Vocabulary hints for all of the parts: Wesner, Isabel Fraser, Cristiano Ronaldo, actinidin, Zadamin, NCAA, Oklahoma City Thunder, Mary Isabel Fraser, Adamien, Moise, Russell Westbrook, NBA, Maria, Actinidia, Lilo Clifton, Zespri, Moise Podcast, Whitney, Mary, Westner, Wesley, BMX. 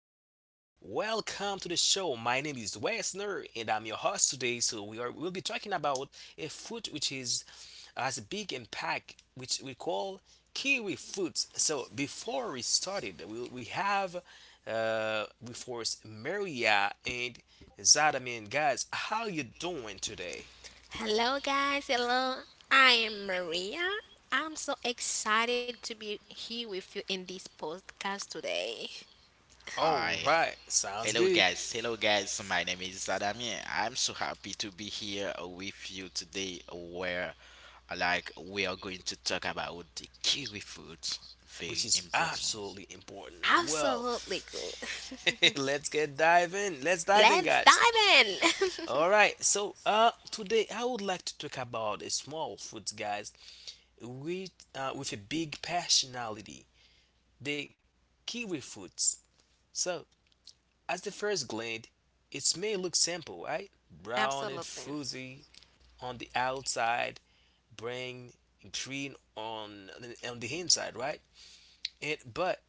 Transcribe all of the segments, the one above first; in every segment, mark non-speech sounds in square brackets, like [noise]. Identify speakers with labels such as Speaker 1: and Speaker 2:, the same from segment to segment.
Speaker 1: Welcome to the show. My name is Wesner, and I'm your host today. So we'll be talking about a fruit which is has a big impact, which we call kiwi fruit. So before we started, we have with us Maria and Zadamin. Guys, how you doing today?
Speaker 2: Hello, guys. Hello. I am Maria. I'm so excited to be here with you in this podcast today.
Speaker 1: All
Speaker 3: Hi.
Speaker 1: right, sounds
Speaker 3: Hello
Speaker 1: good,
Speaker 3: guys. Hello guys. My name is Adamien. I'm so happy to be here with you today where we are going to talk about the kiwi fruit.
Speaker 1: which
Speaker 3: Very
Speaker 1: is
Speaker 3: important
Speaker 1: absolutely important. Well,
Speaker 2: Absolutely good. [laughs]
Speaker 1: [laughs] let's get diving. Let's dive in,
Speaker 2: Let's
Speaker 1: guys.
Speaker 2: dive in.
Speaker 1: All right. So, today I would like to talk about a small fruit, guys, with a big passionality, the kiwi fruits. So, at the first glance, it may look simple, right?
Speaker 2: [laughs]
Speaker 1: Brown and
Speaker 2: absolutely.
Speaker 1: fuzzy on the outside, bring green on the inside, right? And but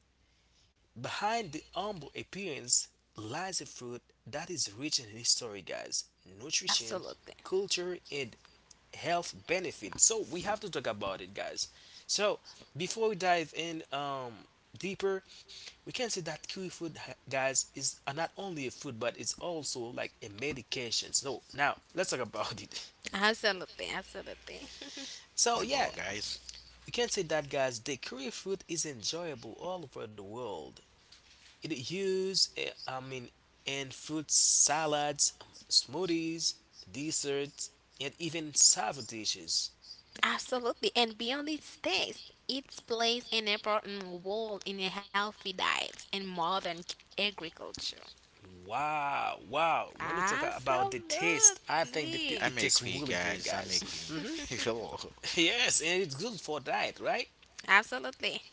Speaker 1: behind the humble appearance lies a fruit that is rich in history, guys, nutrition,
Speaker 2: Absolutely.
Speaker 1: culture, and health benefits. So we have to talk about it, guys. So before we dive in, deeper, we can say that kiwi fruit, guys, is, not only a food but it's also like a medication. So now let's talk about it. [laughs]
Speaker 2: Absolutely. Absolutely.
Speaker 1: So yeah,
Speaker 3: about guys.
Speaker 1: we can say that, guys. The kiwi fruit is enjoyable all over the world. I mean, in fruit salads, smoothies, desserts, and even salad dishes.
Speaker 2: [laughs] Absolutely. And beyond its taste, it plays an important role in a healthy diet and modern agriculture.
Speaker 1: Wow, wow. When you talk about the taste, I think that it
Speaker 2: Absolutely.
Speaker 1: it
Speaker 3: I'm a
Speaker 1: tastes
Speaker 3: queen
Speaker 1: really good,
Speaker 3: guys. I'm a
Speaker 1: guys.
Speaker 3: queen. [laughs] Hello.
Speaker 1: [laughs] Yes, and it's good for diet, right?
Speaker 2: Absolutely.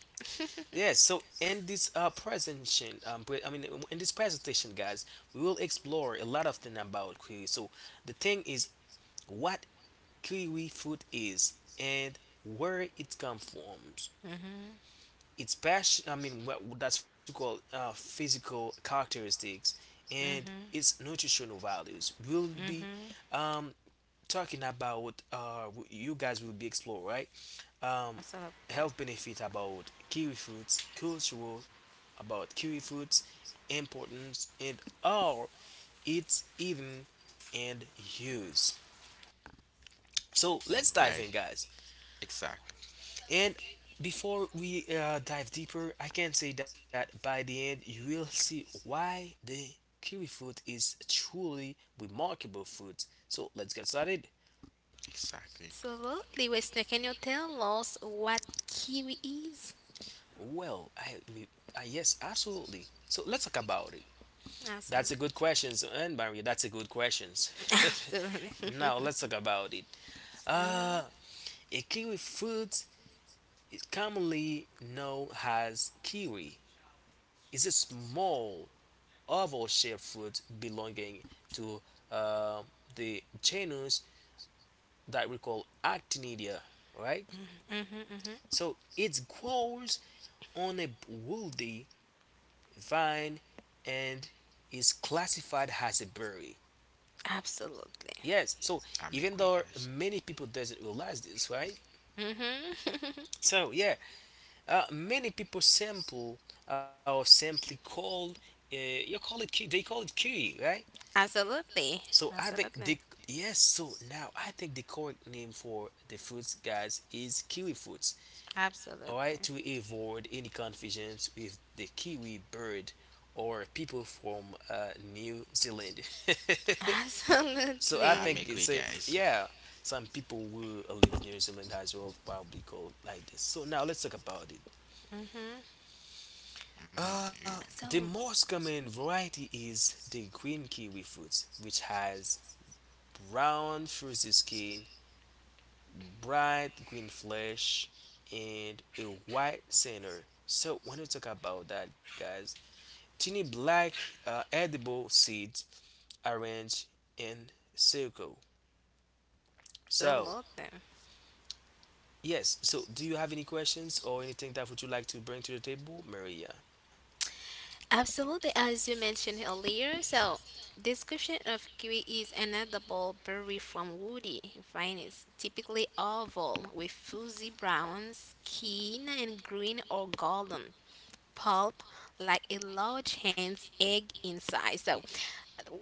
Speaker 1: Yes, so in this, presentation, I mean, in this presentation, guys, we will explore a lot of things about kiwi. So the thing is what kiwi fruit is and where it comes from. Its passion, I mean, what that's called, physical characteristics, and
Speaker 2: Mm-hmm.
Speaker 1: its nutritional values, we'll be,
Speaker 2: Mm-hmm.
Speaker 1: um, talking about, you guys will be explore, right, um,
Speaker 2: Most of them.
Speaker 1: health benefit about kiwi fruits, cultural about kiwi fruits importance, and all its even and use. So let's dive
Speaker 3: Right.
Speaker 1: in, guys.
Speaker 3: Exactly.
Speaker 1: And before we, dive deeper, I can say that by the end you will see why the kiwi fruit is truly remarkable fruit. So let's get started.
Speaker 3: Exactly.
Speaker 2: Absolutely. Wait, so can you tell us what kiwi is?
Speaker 1: Well, I yes, absolutely. So let's talk about it. That's a
Speaker 2: Absolutely.
Speaker 1: good question, and Maria, that's a good question.
Speaker 2: [laughs]
Speaker 1: [laughs]
Speaker 2: Absolutely.
Speaker 1: Now
Speaker 2: [laughs]
Speaker 1: let's talk about it. Uh,
Speaker 2: mm-hmm.
Speaker 1: a kiwi fruit is commonly known as kiwi. It's a small of all shared foods belonging to, uh, the genus that we call Actinidia, right?
Speaker 2: Mm-hmm.
Speaker 1: So it grows on a woody vine and is classified as a berry.
Speaker 2: Absolutely.
Speaker 1: Yes, so
Speaker 3: I'm a
Speaker 1: even
Speaker 3: queen
Speaker 1: though
Speaker 3: guys.
Speaker 1: many people doesn't realize this, right?
Speaker 2: Mm-hmm.
Speaker 1: So yeah, many people sample or simply called, uh, you call it ki- they call it kiwi, right?
Speaker 2: [laughs] Absolutely.
Speaker 1: So I think the
Speaker 2: Absolutely.
Speaker 1: yes. So now I think the correct name for the fruits, guys, is kiwi fruits. All right,
Speaker 2: Absolutely.
Speaker 1: to avoid any confusions with the kiwi bird or people from, New Zealand.
Speaker 2: [laughs]
Speaker 1: [laughs] So I
Speaker 3: I'm a
Speaker 2: Absolutely.
Speaker 1: think it's
Speaker 3: queen
Speaker 1: a
Speaker 3: guys.
Speaker 1: yeah. Some people who live New Zealand as well probably call it like this. So now let's talk about it.
Speaker 2: Mm-hmm.
Speaker 3: hmm
Speaker 1: Uh,
Speaker 3: You.
Speaker 1: the
Speaker 2: So,
Speaker 1: most common variety is the green kiwi fruit, which has brown fruity skin, bright green flesh, and a white center. So when you talk about that, guys, tiny black, edible seeds arranged in circle. So
Speaker 2: absolutely.
Speaker 1: yes, so do you have any questions or anything that would you like to bring to the table, Maria?
Speaker 2: Absolutely, as you mentioned earlier. So, discussion of kiwi is an edible berry from woody vines, typically oval, with fuzzy brown skin and green or golden pulp, like a large hen's egg inside. So,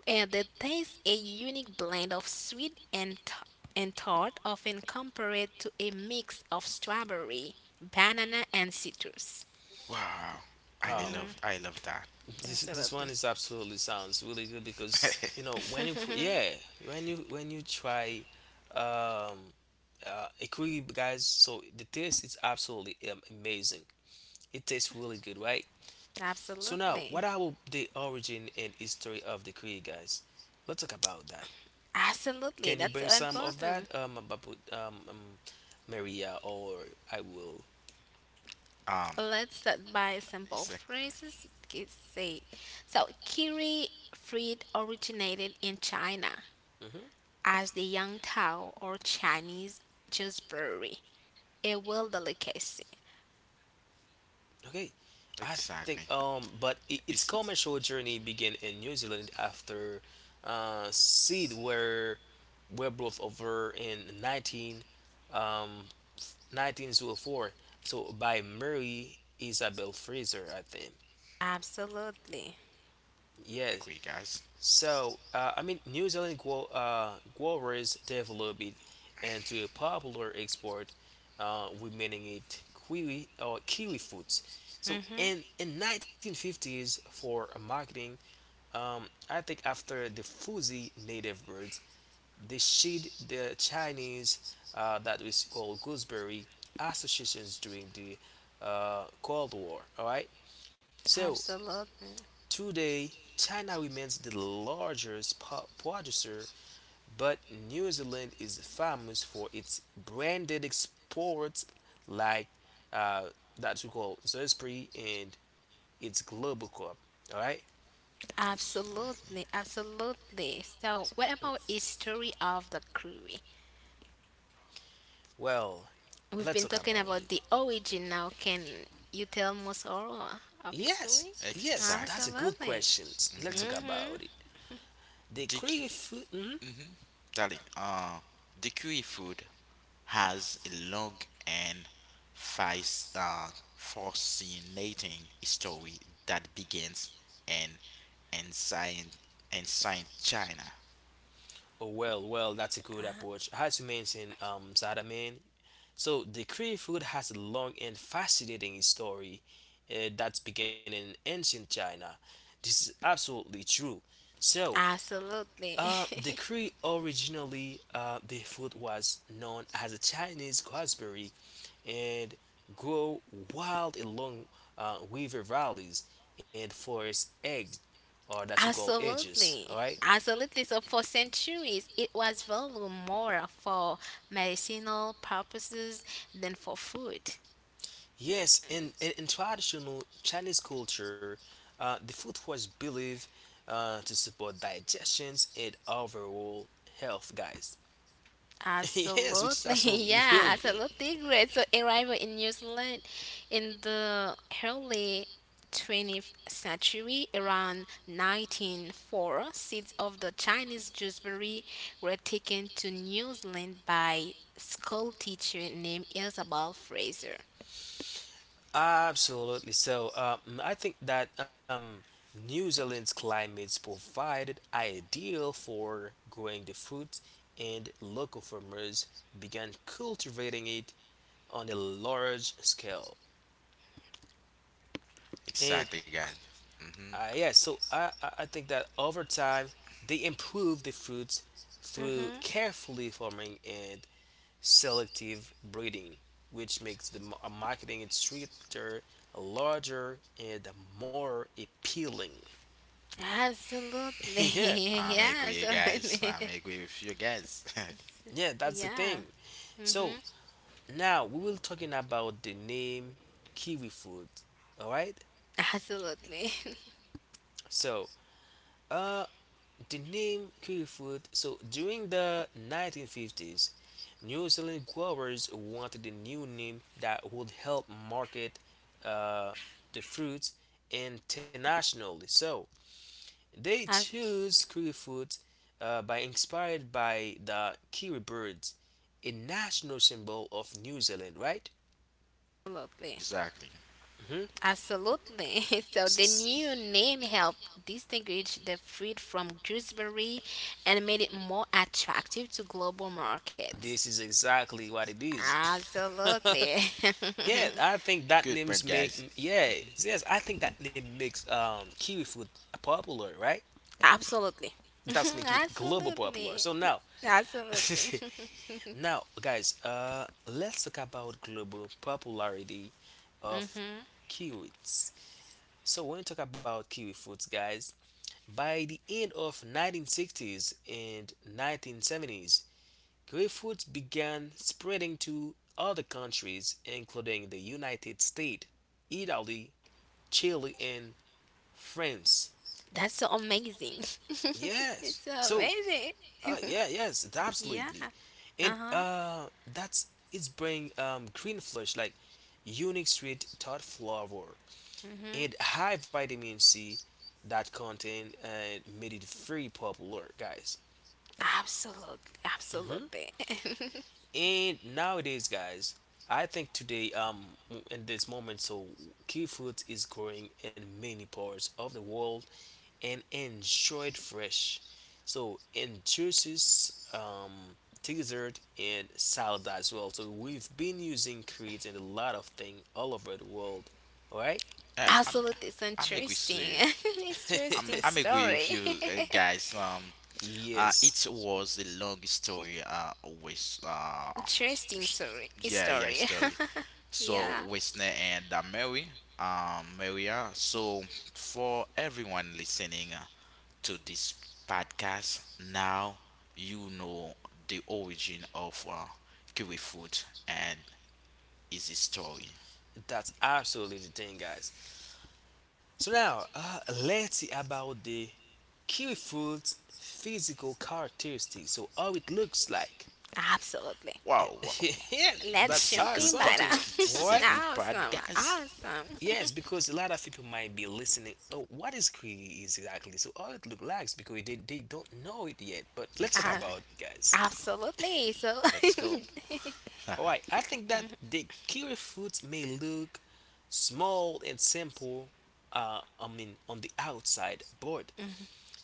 Speaker 2: and the taste a unique blend of sweet and and tart, often compared to a mix of strawberry, banana, and citrus.
Speaker 3: Wow.
Speaker 1: Oh,
Speaker 3: I love that.
Speaker 1: [laughs] this one is
Speaker 2: Absolutely,
Speaker 1: absolutely sounds really good because you
Speaker 3: [laughs]
Speaker 1: know when yeah, when you try, um a curry, guys, so the taste is absolutely, amazing. It tastes really good, right? So now,
Speaker 2: absolutely.
Speaker 1: what are the origin and history of the curry, guys? Let's talk about that.
Speaker 2: Absolutely,
Speaker 1: Can you
Speaker 2: that's
Speaker 1: bring
Speaker 2: so
Speaker 1: some of
Speaker 2: important.
Speaker 1: that, Babu, Maria, or I will.
Speaker 3: um
Speaker 2: Let's start by simple
Speaker 3: exactly
Speaker 2: phrases. Kids say, so kiri fruit originated in China
Speaker 1: Hmm.
Speaker 2: as the yang tao or Chinese gooseberry, a world delicacy.
Speaker 1: Okay, I
Speaker 3: exactly.
Speaker 1: think, but I its
Speaker 3: It's
Speaker 1: commercial journey began in New Zealand after, seed were brought over in 19 um, 1904. So by Mary Isabel Fraser, I think.
Speaker 2: Absolutely.
Speaker 1: Yes.
Speaker 3: a queen guys.
Speaker 1: So, I mean, New Zealand guo growers developed into a popular export, remaining it kiwi or kiwi fruits. So,
Speaker 2: Mm-hmm.
Speaker 1: in 1950s for marketing, I think after the Fuji native birds, they shed the Chinese, that was called gooseberry associations during the, Cold War. All right. So
Speaker 2: Absolutely.
Speaker 1: today, China remains the largest, producer, but New Zealand is famous for its branded exports like, uh, that we call Zespri and its Global Cup. All right.
Speaker 3: Exactly.
Speaker 2: Absolutely. Absolutely. So, what about history of the curry?
Speaker 1: Well,
Speaker 2: We've
Speaker 1: let's
Speaker 2: been
Speaker 1: talk
Speaker 2: talking
Speaker 1: about
Speaker 2: about
Speaker 1: it.
Speaker 2: the origin now. Can you tell most all of his
Speaker 1: Yes,
Speaker 2: story?
Speaker 1: yes, that's a
Speaker 3: Exactly.
Speaker 1: good
Speaker 2: Absolutely.
Speaker 1: question. Let's talk
Speaker 3: hmm
Speaker 1: about it.
Speaker 2: Mm-hmm.
Speaker 1: The
Speaker 3: The,
Speaker 1: creative food. Mhm.
Speaker 3: mm-hmm. Darling, the kiwi fruit has a long and fast, uh, fascinating story that begins in ancient, ancient China.
Speaker 1: Oh, well, that's a good approach. As you mentioned, Zadaman, so, the Korean food has a long and fascinating story, that began in ancient China. This is absolutely true. So,
Speaker 2: Absolutely.
Speaker 1: the
Speaker 2: [laughs]
Speaker 1: Korean originally, the food was known as a Chinese gooseberry and grow wild along, river valleys and forest eggs, or that we call edges. All
Speaker 2: Absolutely.
Speaker 1: right.
Speaker 2: Absolutely. So for centuries, it was valued more for medicinal purposes than for food.
Speaker 1: Yes, in traditional Chinese culture, the food was believed, to support digestions and overall health, guys. [laughs] Yes, which is
Speaker 2: Absolutely, [laughs]
Speaker 1: absolutely
Speaker 2: yeah,
Speaker 1: really good.
Speaker 2: absolutely great. So arrival in New Zealand in the early 20th century, around 1904, seeds of the Chinese gooseberry were taken to New Zealand by school teacher named Isabel Fraser.
Speaker 1: Absolutely. So, I think that, New Zealand's climates provided ideal for growing the fruit, and local farmers began cultivating it on a large scale. And
Speaker 3: Exactly, guys. Mm-hmm.
Speaker 1: Yeah, so I think that over time they improve the fruits through
Speaker 2: Mm-hmm.
Speaker 1: carefully farming and selective breeding, which makes the marketing and stricter, larger, and more appealing.
Speaker 2: Absolutely,
Speaker 1: [laughs] Yeah,
Speaker 2: [laughs]
Speaker 3: I'm
Speaker 2: yeah,
Speaker 3: agree, guys. [laughs]
Speaker 2: absolutely,
Speaker 3: I'm agree with you, guys.
Speaker 1: yeah,
Speaker 2: [laughs]
Speaker 1: that's the
Speaker 2: yeah,
Speaker 1: thing. So now we will talking about the name kiwi fruit. All right.
Speaker 2: absolutely,
Speaker 1: So, uh, the name kiwi. So during the 1950s, New Zealand growers wanted a new name that would help market, uh, the fruits internationally. So they
Speaker 2: [laughs]
Speaker 1: chose kiwi, by inspired by the kiwi birds, a national symbol of New Zealand, right?
Speaker 3: [laughs]
Speaker 2: absolutely.
Speaker 3: exactly.
Speaker 1: Hmm. [laughs]
Speaker 2: Absolutely. [laughs] So the new name helped distinguish the fruit from gooseberry and made it more attractive to global markets.
Speaker 1: This is exactly what it is. [laughs]
Speaker 2: Absolutely.
Speaker 1: Yeah, I think that
Speaker 3: Good
Speaker 1: names
Speaker 3: point,
Speaker 1: make,
Speaker 3: guys.
Speaker 1: yeah, yes, I think that name makes, kiwi food popular, right?
Speaker 2: [laughs] Absolutely.
Speaker 1: That's
Speaker 2: [laughs]
Speaker 1: make it global popular.
Speaker 2: Absolutely.
Speaker 1: So now, [laughs]
Speaker 2: Absolutely.
Speaker 1: now, guys, let's talk about global popularity of kiwis. So when you talk about kiwi foods, guys, by the end of 1960s and 1970s, kiwi foods began spreading to other countries, including the United States, Italy, Chile, and France.
Speaker 2: [laughs] That's so amazing. [laughs]
Speaker 1: Yes.
Speaker 2: It's so
Speaker 1: So,
Speaker 2: amazing.
Speaker 1: yeah, yes,
Speaker 2: Yeah.
Speaker 1: absolutely. And,
Speaker 2: Uh-huh.
Speaker 1: that's it's bring, green flush like unique sweet tart flavor
Speaker 2: Mhm.
Speaker 1: and high vitamin C that content, made it very popular, guys.
Speaker 2: Absolutely. Absolutely. [laughs]
Speaker 1: And nowadays, guys, I think today, in this moment, so kiwi fruit is growing in many parts of the world, and enjoy it fresh. So in juices, dessert and salad as well. So we've been using Crete in a lot of things all over the world. Alright?
Speaker 3: Yeah, I'm,
Speaker 2: Absolutely. It's
Speaker 3: I'm agree with
Speaker 2: interesting. [laughs]
Speaker 3: you.
Speaker 2: It's interesting
Speaker 1: [laughs]
Speaker 3: I'm agree with
Speaker 2: story.
Speaker 3: you,
Speaker 2: [laughs]
Speaker 3: guys.
Speaker 1: Yes.
Speaker 3: It was a long story. With
Speaker 2: Interesting story.
Speaker 3: yeah, yeah,
Speaker 2: Story.
Speaker 3: story.
Speaker 2: [laughs]
Speaker 3: So
Speaker 2: yeah.
Speaker 3: Whitney and Mary, Maria. So for everyone listening to this podcast now, you know the origin of kiwi fruit and its story.
Speaker 1: That's absolutely the thing, guys. So now, let's see about the kiwi fruit's physical characteristics. So how it looks like.
Speaker 2: Absolutely.
Speaker 3: Wow, wow,
Speaker 1: [laughs]
Speaker 3: wow.
Speaker 1: Yes,
Speaker 3: This
Speaker 2: Let's
Speaker 1: that's
Speaker 3: is
Speaker 2: jump
Speaker 3: a
Speaker 2: in,
Speaker 3: good
Speaker 1: awesome
Speaker 2: Myra.
Speaker 1: to
Speaker 2: [laughs]
Speaker 3: part.
Speaker 1: know.
Speaker 3: This is a
Speaker 1: Alright?
Speaker 3: good part,
Speaker 2: Awesome.
Speaker 3: guys.
Speaker 2: Awesome.
Speaker 1: Yes, because a lot of people might be listening. Oh, what is QE is exactly? So all it looks like is because they don't know it yet. But let's talk
Speaker 2: Uh,
Speaker 3: Exactly.
Speaker 1: about it, guys.
Speaker 2: absolutely. So,
Speaker 3: Let's go.
Speaker 1: All right,
Speaker 3: [laughs]
Speaker 1: I think that the kiwi fruit may look small and simple. I mean, on the outside, but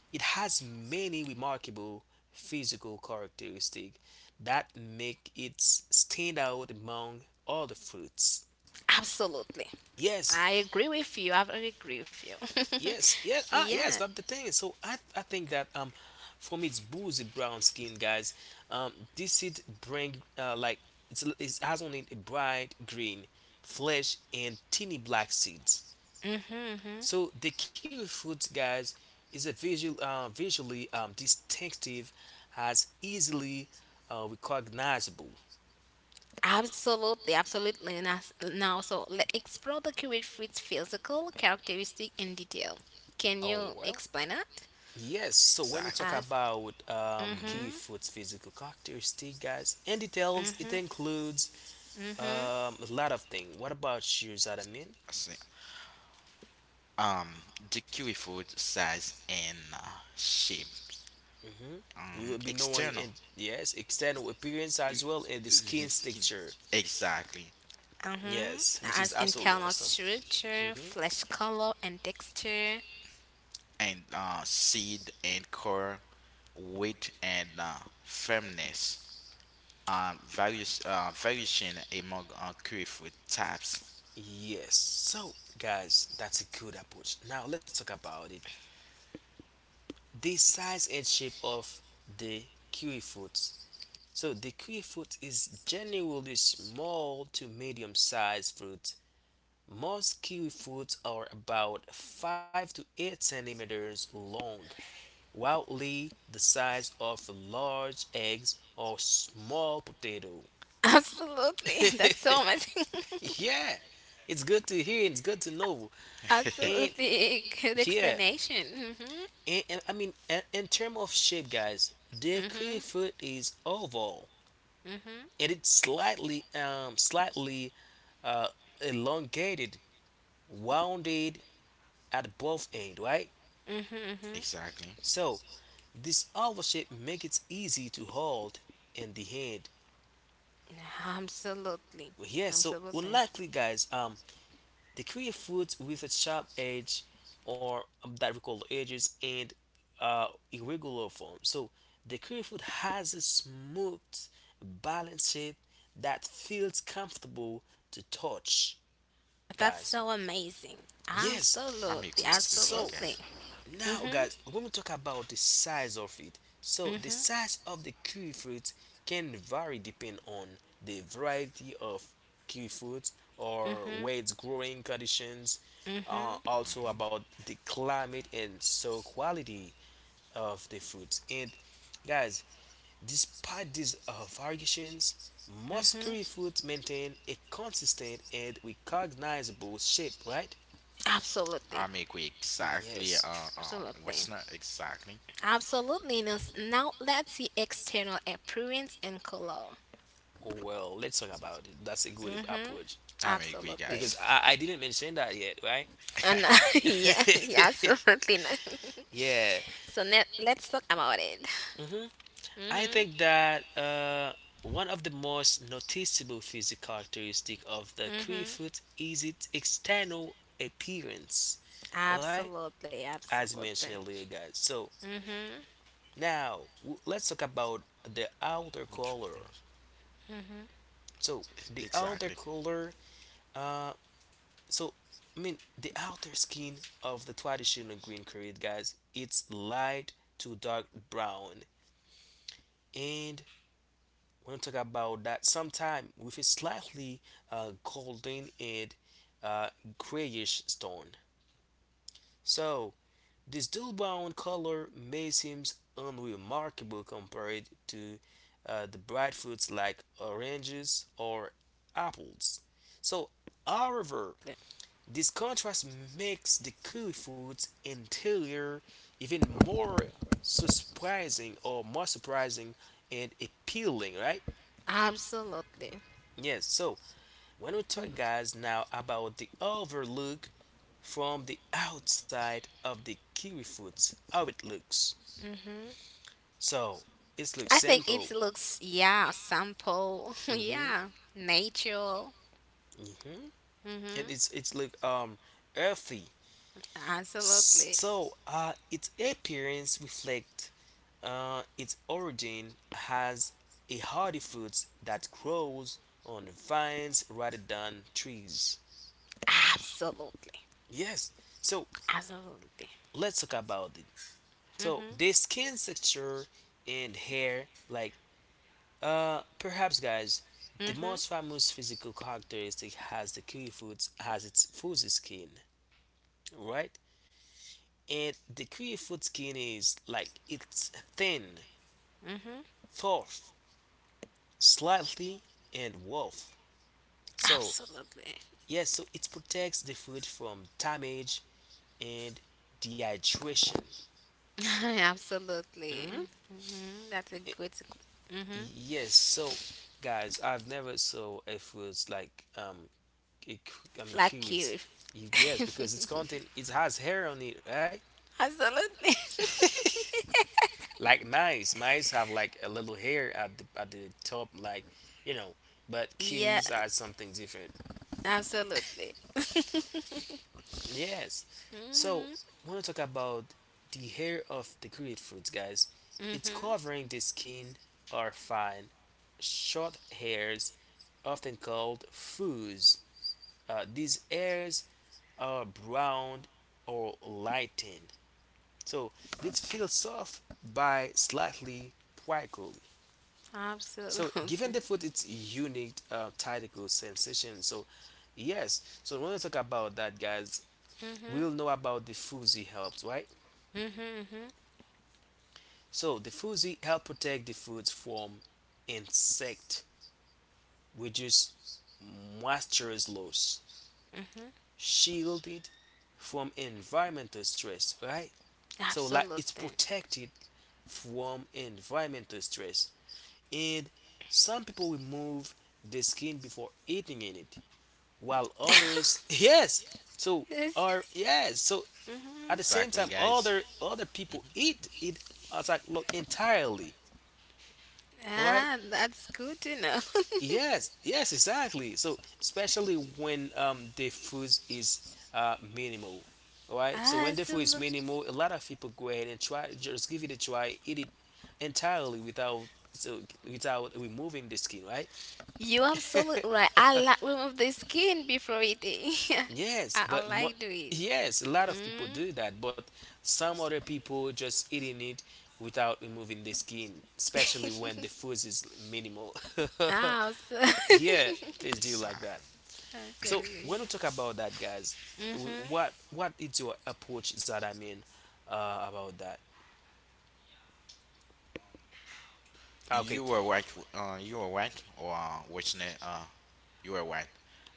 Speaker 1: it has many remarkable physical characteristics that make it stand out among all the fruits.
Speaker 2: [laughs] absolutely.
Speaker 1: Yes,
Speaker 2: I agree with you. I agree with you.
Speaker 1: yes, yes,
Speaker 2: [laughs] yeah.
Speaker 1: yes. That's the thing. So I think that, from its boozy brown skin, guys, this seed bring, like it has on it a bright green flesh and teeny black seeds.
Speaker 2: Hmm.
Speaker 1: So the kiwi fruit, guys, is visually, distinctive, as easily, recognizable.
Speaker 2: Absolutely, absolutely. And now, so let's explore the kiwi fruit's physical characteristic in detail. Can
Speaker 1: Oh,
Speaker 2: you
Speaker 1: well,
Speaker 2: explain it
Speaker 1: yes. So when you talk
Speaker 3: exactly.
Speaker 2: as
Speaker 1: about,
Speaker 3: Mm-hmm.
Speaker 1: kiwi
Speaker 2: mm-hmm,
Speaker 1: fruit's physical characteristic, guys, and details, it
Speaker 2: mm-hmm,
Speaker 1: includes, um,
Speaker 2: mm-hmm,
Speaker 1: a lot of things. What about you, Zadamin?
Speaker 3: Um, the kiwi food size and shape,
Speaker 1: You will be knowing
Speaker 3: external
Speaker 1: in yes external appearance as well and
Speaker 3: the
Speaker 1: the skin
Speaker 3: skin,
Speaker 1: texture.
Speaker 3: exactly,
Speaker 2: mm-hmm,
Speaker 1: Yes, which is
Speaker 2: as
Speaker 1: absolutely
Speaker 2: internal
Speaker 1: awesome.
Speaker 2: structure, flesh color, and texture?
Speaker 3: and seed and core, weight and firmness. Various variation among kiwi food types.
Speaker 1: Yes. So, guys, that's a good approach. Now let's talk about it. The size and shape of the kiwi fruits. So the kiwi fruit is generally small to medium sized fruit. Most kiwi fruits are about 5 to 8 centimeters long, wildly the size of large eggs or small potato.
Speaker 2: [laughs] Absolutely, that's so
Speaker 1: [laughs]
Speaker 2: amazing. [laughs]
Speaker 1: Yeah, it's good to hear. It's good to know. And
Speaker 2: Absolutely, good
Speaker 1: yeah,
Speaker 2: explanation.
Speaker 1: and I mean, and, In terms of shape, guys, the
Speaker 2: Mm-hmm,
Speaker 1: kiwi
Speaker 2: mm-hmm,
Speaker 1: fruit is oval and it slightly slightly uh elongated, rounded at both end, right?
Speaker 3: Exactly,
Speaker 1: So this oval shape make it easy to hold in the hand.
Speaker 2: mm-hmm. Absolutely,
Speaker 1: Yeah, so
Speaker 2: absolutely.
Speaker 1: unlikely, guys, they create fruits with a sharp edge or that we call the edges, and irregular form. So the curry food has a smooth, balanced shape that feels comfortable to touch,
Speaker 2: That's
Speaker 1: guys.
Speaker 2: so amazing.
Speaker 1: Yes.
Speaker 3: I'm
Speaker 2: Absolutely,
Speaker 3: agree with you
Speaker 1: So
Speaker 3: guys.
Speaker 2: absolutely.
Speaker 1: now, guys,
Speaker 2: Mhm.
Speaker 1: when we talk about the size of it, so the
Speaker 2: Mhm.
Speaker 1: size of the kiwi fruit can vary depending on the variety of kiwi fruit or
Speaker 2: Mhm.
Speaker 1: where it's growing conditions,
Speaker 2: Mhm.
Speaker 1: also
Speaker 3: Mm-hmm.
Speaker 1: about the climate and soil quality of the fruits. And guys, despite these variations, most kiwi fruits maintain a consistent and recognizable shape, right?
Speaker 3: I
Speaker 2: Absolutely.
Speaker 3: am agree exactly.
Speaker 1: Yes.
Speaker 3: What's
Speaker 2: Absolutely.
Speaker 3: not exactly?
Speaker 2: Absolutely. Now now let's see external appearance and color.
Speaker 1: Oh, well, let's talk about it. That's a good
Speaker 2: Mhm.
Speaker 1: approach
Speaker 3: I am agree,
Speaker 2: Absolutely.
Speaker 1: because
Speaker 3: guys.
Speaker 1: I didn't mention that yet, right?
Speaker 2: And
Speaker 3: [laughs]
Speaker 2: [laughs] yeah, yeah,
Speaker 1: [laughs]
Speaker 2: absolutely. Not. [laughs]
Speaker 1: Yeah,
Speaker 2: So let's talk about it.
Speaker 1: I
Speaker 2: Mhm.
Speaker 1: think that one of the most noticeable physical characteristic of the kiwi
Speaker 2: Mhm.
Speaker 1: fruit is its external appearance, all right?
Speaker 2: Absolutely.
Speaker 1: As mentioned
Speaker 2: Absolutely.
Speaker 1: earlier, guys. So
Speaker 2: Mhm.
Speaker 1: now let's talk about the outer
Speaker 3: Neutral
Speaker 1: color.
Speaker 3: colors.
Speaker 1: So the outer
Speaker 3: Exactly,
Speaker 1: color uh, so, I mean, the outer skin of the traditional green curry, guys, it's light to dark brown, and we're gonna talk about that sometime with a slightly golden and uh, grayish stone. So this dull brown color may seem unremarkable compared to the bright fruits like oranges or apples. So, however, this contrast makes the kiwi fruit's interior even more, so surprising, or more surprising and appealing, right?
Speaker 2: Absolutely.
Speaker 1: Yes, so when we talk, guys, now about the overlook from the outside of the kiwi Curryfood's, how it looks. So it looks
Speaker 2: I think
Speaker 1: simple.
Speaker 2: it looks yeah, sample. [laughs]
Speaker 1: hmm
Speaker 2: Yeah, natural.
Speaker 1: hmm And
Speaker 2: Mhm.
Speaker 1: it's look earthy.
Speaker 2: Absolutely.
Speaker 1: So its appearance reflect its origin has a hardy fruit that grows on vines rather than trees.
Speaker 2: Absolutely.
Speaker 1: Yes, so
Speaker 2: Absolutely.
Speaker 1: let's talk about it. So
Speaker 2: Mhm.
Speaker 1: the skin texture and hair, like perhaps, guys, the
Speaker 2: Mhm.
Speaker 1: most famous physical characteristic has the kiwifruit has its fuzzy skin, right? And the kiwifruit skin is like it's thin,
Speaker 2: Mhm.
Speaker 1: tough, slightly, and rough. So
Speaker 2: Absolutely.
Speaker 1: yes, so it protects the food from damage and dehydration.
Speaker 2: [laughs] Absolutely.
Speaker 1: Mhm.
Speaker 2: Mhm. That's a
Speaker 1: I-
Speaker 2: good. Mhm.
Speaker 1: Yes, so guys, I've never saw a fruit like a I mean
Speaker 2: Like you.
Speaker 1: curds.
Speaker 2: If—
Speaker 1: Yes, because it's content, it has hair on it, right?
Speaker 2: Absolutely. [laughs]
Speaker 1: [laughs] Like mice, mice have like a little hair at the top, like you know. But
Speaker 2: Yeah.
Speaker 1: kiwis are something different.
Speaker 2: Absolutely.
Speaker 1: Yes. So,
Speaker 2: Mhm.
Speaker 1: want to talk about the hair of the grapefruits, guys. It's
Speaker 2: Mhm.
Speaker 1: covering the skin are fine, short hairs, often called fuzz. These hairs are brown or lightened. So this feels soft by slightly prickly. So,
Speaker 2: Absolutely.
Speaker 1: given the fruit its unique tactical sensation, so yes. So, when to talk about that, guys,
Speaker 2: Mhm.
Speaker 1: we'll know about the Fuzi helps, right?
Speaker 2: Mhm. Mhm.
Speaker 1: So the Fuzi help protect the foods from insect, reduce moisture loss,
Speaker 2: Mm.
Speaker 1: shielded from environmental stress, right? So like it's
Speaker 2: Absolutely.
Speaker 1: protected from environmental stress, and some people remove the skin before eating in it, while others,
Speaker 2: [laughs]
Speaker 1: yes, so are,
Speaker 2: Yes.
Speaker 1: yes, so at the
Speaker 2: Mhm.
Speaker 1: same
Speaker 3: exactly,
Speaker 1: time
Speaker 3: guys.
Speaker 1: other
Speaker 3: hmm
Speaker 1: people eat it as like look entirely, right?
Speaker 2: Ah, that's good to know. [laughs]
Speaker 1: Yes, yes, exactly. So especially when the food is minimal, right? So when the food is
Speaker 2: Absolutely.
Speaker 1: minimal, a lot of people go ahead and try just give it a try, eat it entirely without, so without removing the skin, right?
Speaker 2: You absolutely
Speaker 1: [laughs]
Speaker 2: right. I like remove the skin before eating. [laughs]
Speaker 1: Yes,
Speaker 2: I
Speaker 1: but
Speaker 2: like doing.
Speaker 1: yes, a lot of people do that, but some other people just eating it without removing the skin, especially when
Speaker 2: Mm.
Speaker 1: the
Speaker 2: [laughs]
Speaker 1: food is minimal.
Speaker 2: Ah, so-
Speaker 1: [laughs] Yeah,
Speaker 2: [laughs]
Speaker 1: they do like that.
Speaker 3: Exactly.
Speaker 1: So
Speaker 2: Absolutely.
Speaker 1: when we talk about that, guys,
Speaker 2: Mhm.
Speaker 1: what is your approach, that I mean about that? Okay.
Speaker 3: You were right. You were right. Or what's not? You were right.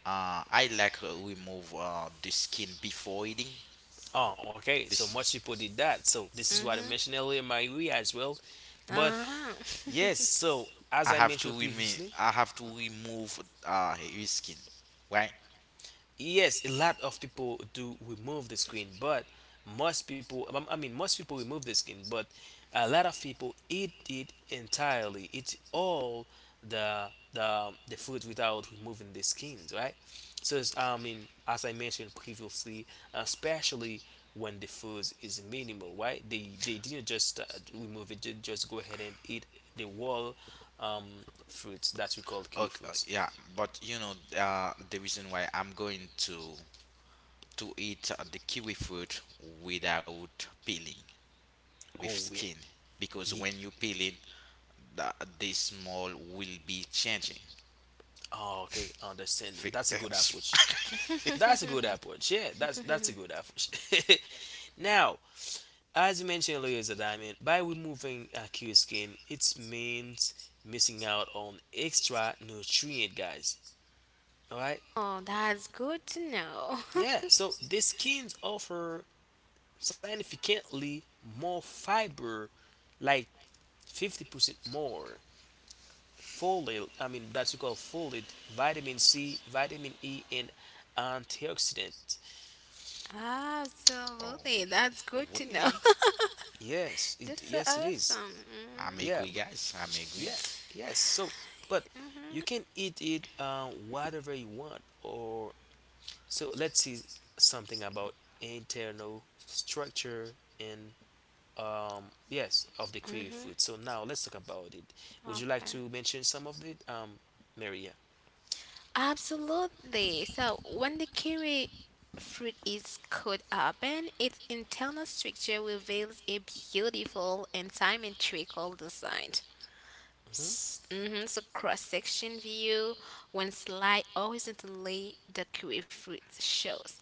Speaker 3: I like remove the skin before eating.
Speaker 1: Oh, okay.
Speaker 3: This
Speaker 1: So
Speaker 3: is
Speaker 1: much people did that. So this is what I
Speaker 2: Mhm.
Speaker 1: mentioned earlier, my we as well. But
Speaker 2: Uh
Speaker 1: yes, so as I mentioned previously,
Speaker 3: I have to remove his skin, right?
Speaker 1: yes a lot of people do remove the screen, but most people I mean most people remove the screen, but a lot of people eat it entirely, eat all the the food without removing the skins, right? I mean, as I mentioned previously, especially when the food is minimal, right? They didn't just remove it, they just go ahead and eat the whole um fruits that we call kiwi
Speaker 3: Okay,
Speaker 1: fruits.
Speaker 3: yeah, but you know the reason why I'm going to eat the kiwi fruit without peeling with
Speaker 1: Oh
Speaker 3: skin because
Speaker 1: yeah.
Speaker 3: when you peel it, the, the small will be changing.
Speaker 1: Oh, okay, understanding.
Speaker 3: Fi-
Speaker 1: That's a good approach.
Speaker 3: [laughs]
Speaker 1: That's a good
Speaker 2: huh.
Speaker 1: approach. Yeah, that's a good approach. [laughs] Now, as you mentioned earlier, Zadiamond, by removing aqueous skin, it means missing out on extra nutrient, guys. All right.
Speaker 2: [laughs] Oh, that's good to know.
Speaker 1: Yeah. So the skins offer significantly more fiber, like 50% more folate. I mean, that's what you call folate, vitamin C, vitamin E, and antioxidant.
Speaker 2: [laughs]
Speaker 3: oh,
Speaker 2: Absolutely, that's good to know.
Speaker 3: really?
Speaker 1: Yes,
Speaker 2: [laughs] That's
Speaker 1: it,
Speaker 2: so
Speaker 1: yes it is.
Speaker 2: awesome.
Speaker 3: I'm
Speaker 1: Yeah,
Speaker 3: agree,
Speaker 1: but
Speaker 3: guys. I'm agree.
Speaker 1: yeah, yes. So, but you can eat it whatever you want. Or so let's see something about internal structure and yes of the
Speaker 2: Mm-hmm.
Speaker 1: kiwi
Speaker 2: Mm-hmm.
Speaker 1: fruit. So now let's talk about it. Would you like
Speaker 2: Okay.
Speaker 1: to mention some of it, Maria?
Speaker 2: Absolutely. So when the kiwi fruit is cut open, its internal structure reveals a beautiful and symmetrical design.
Speaker 1: Hmm.
Speaker 2: Mhm, so cross section view, when sliced horizontally, the kiwi fruit shows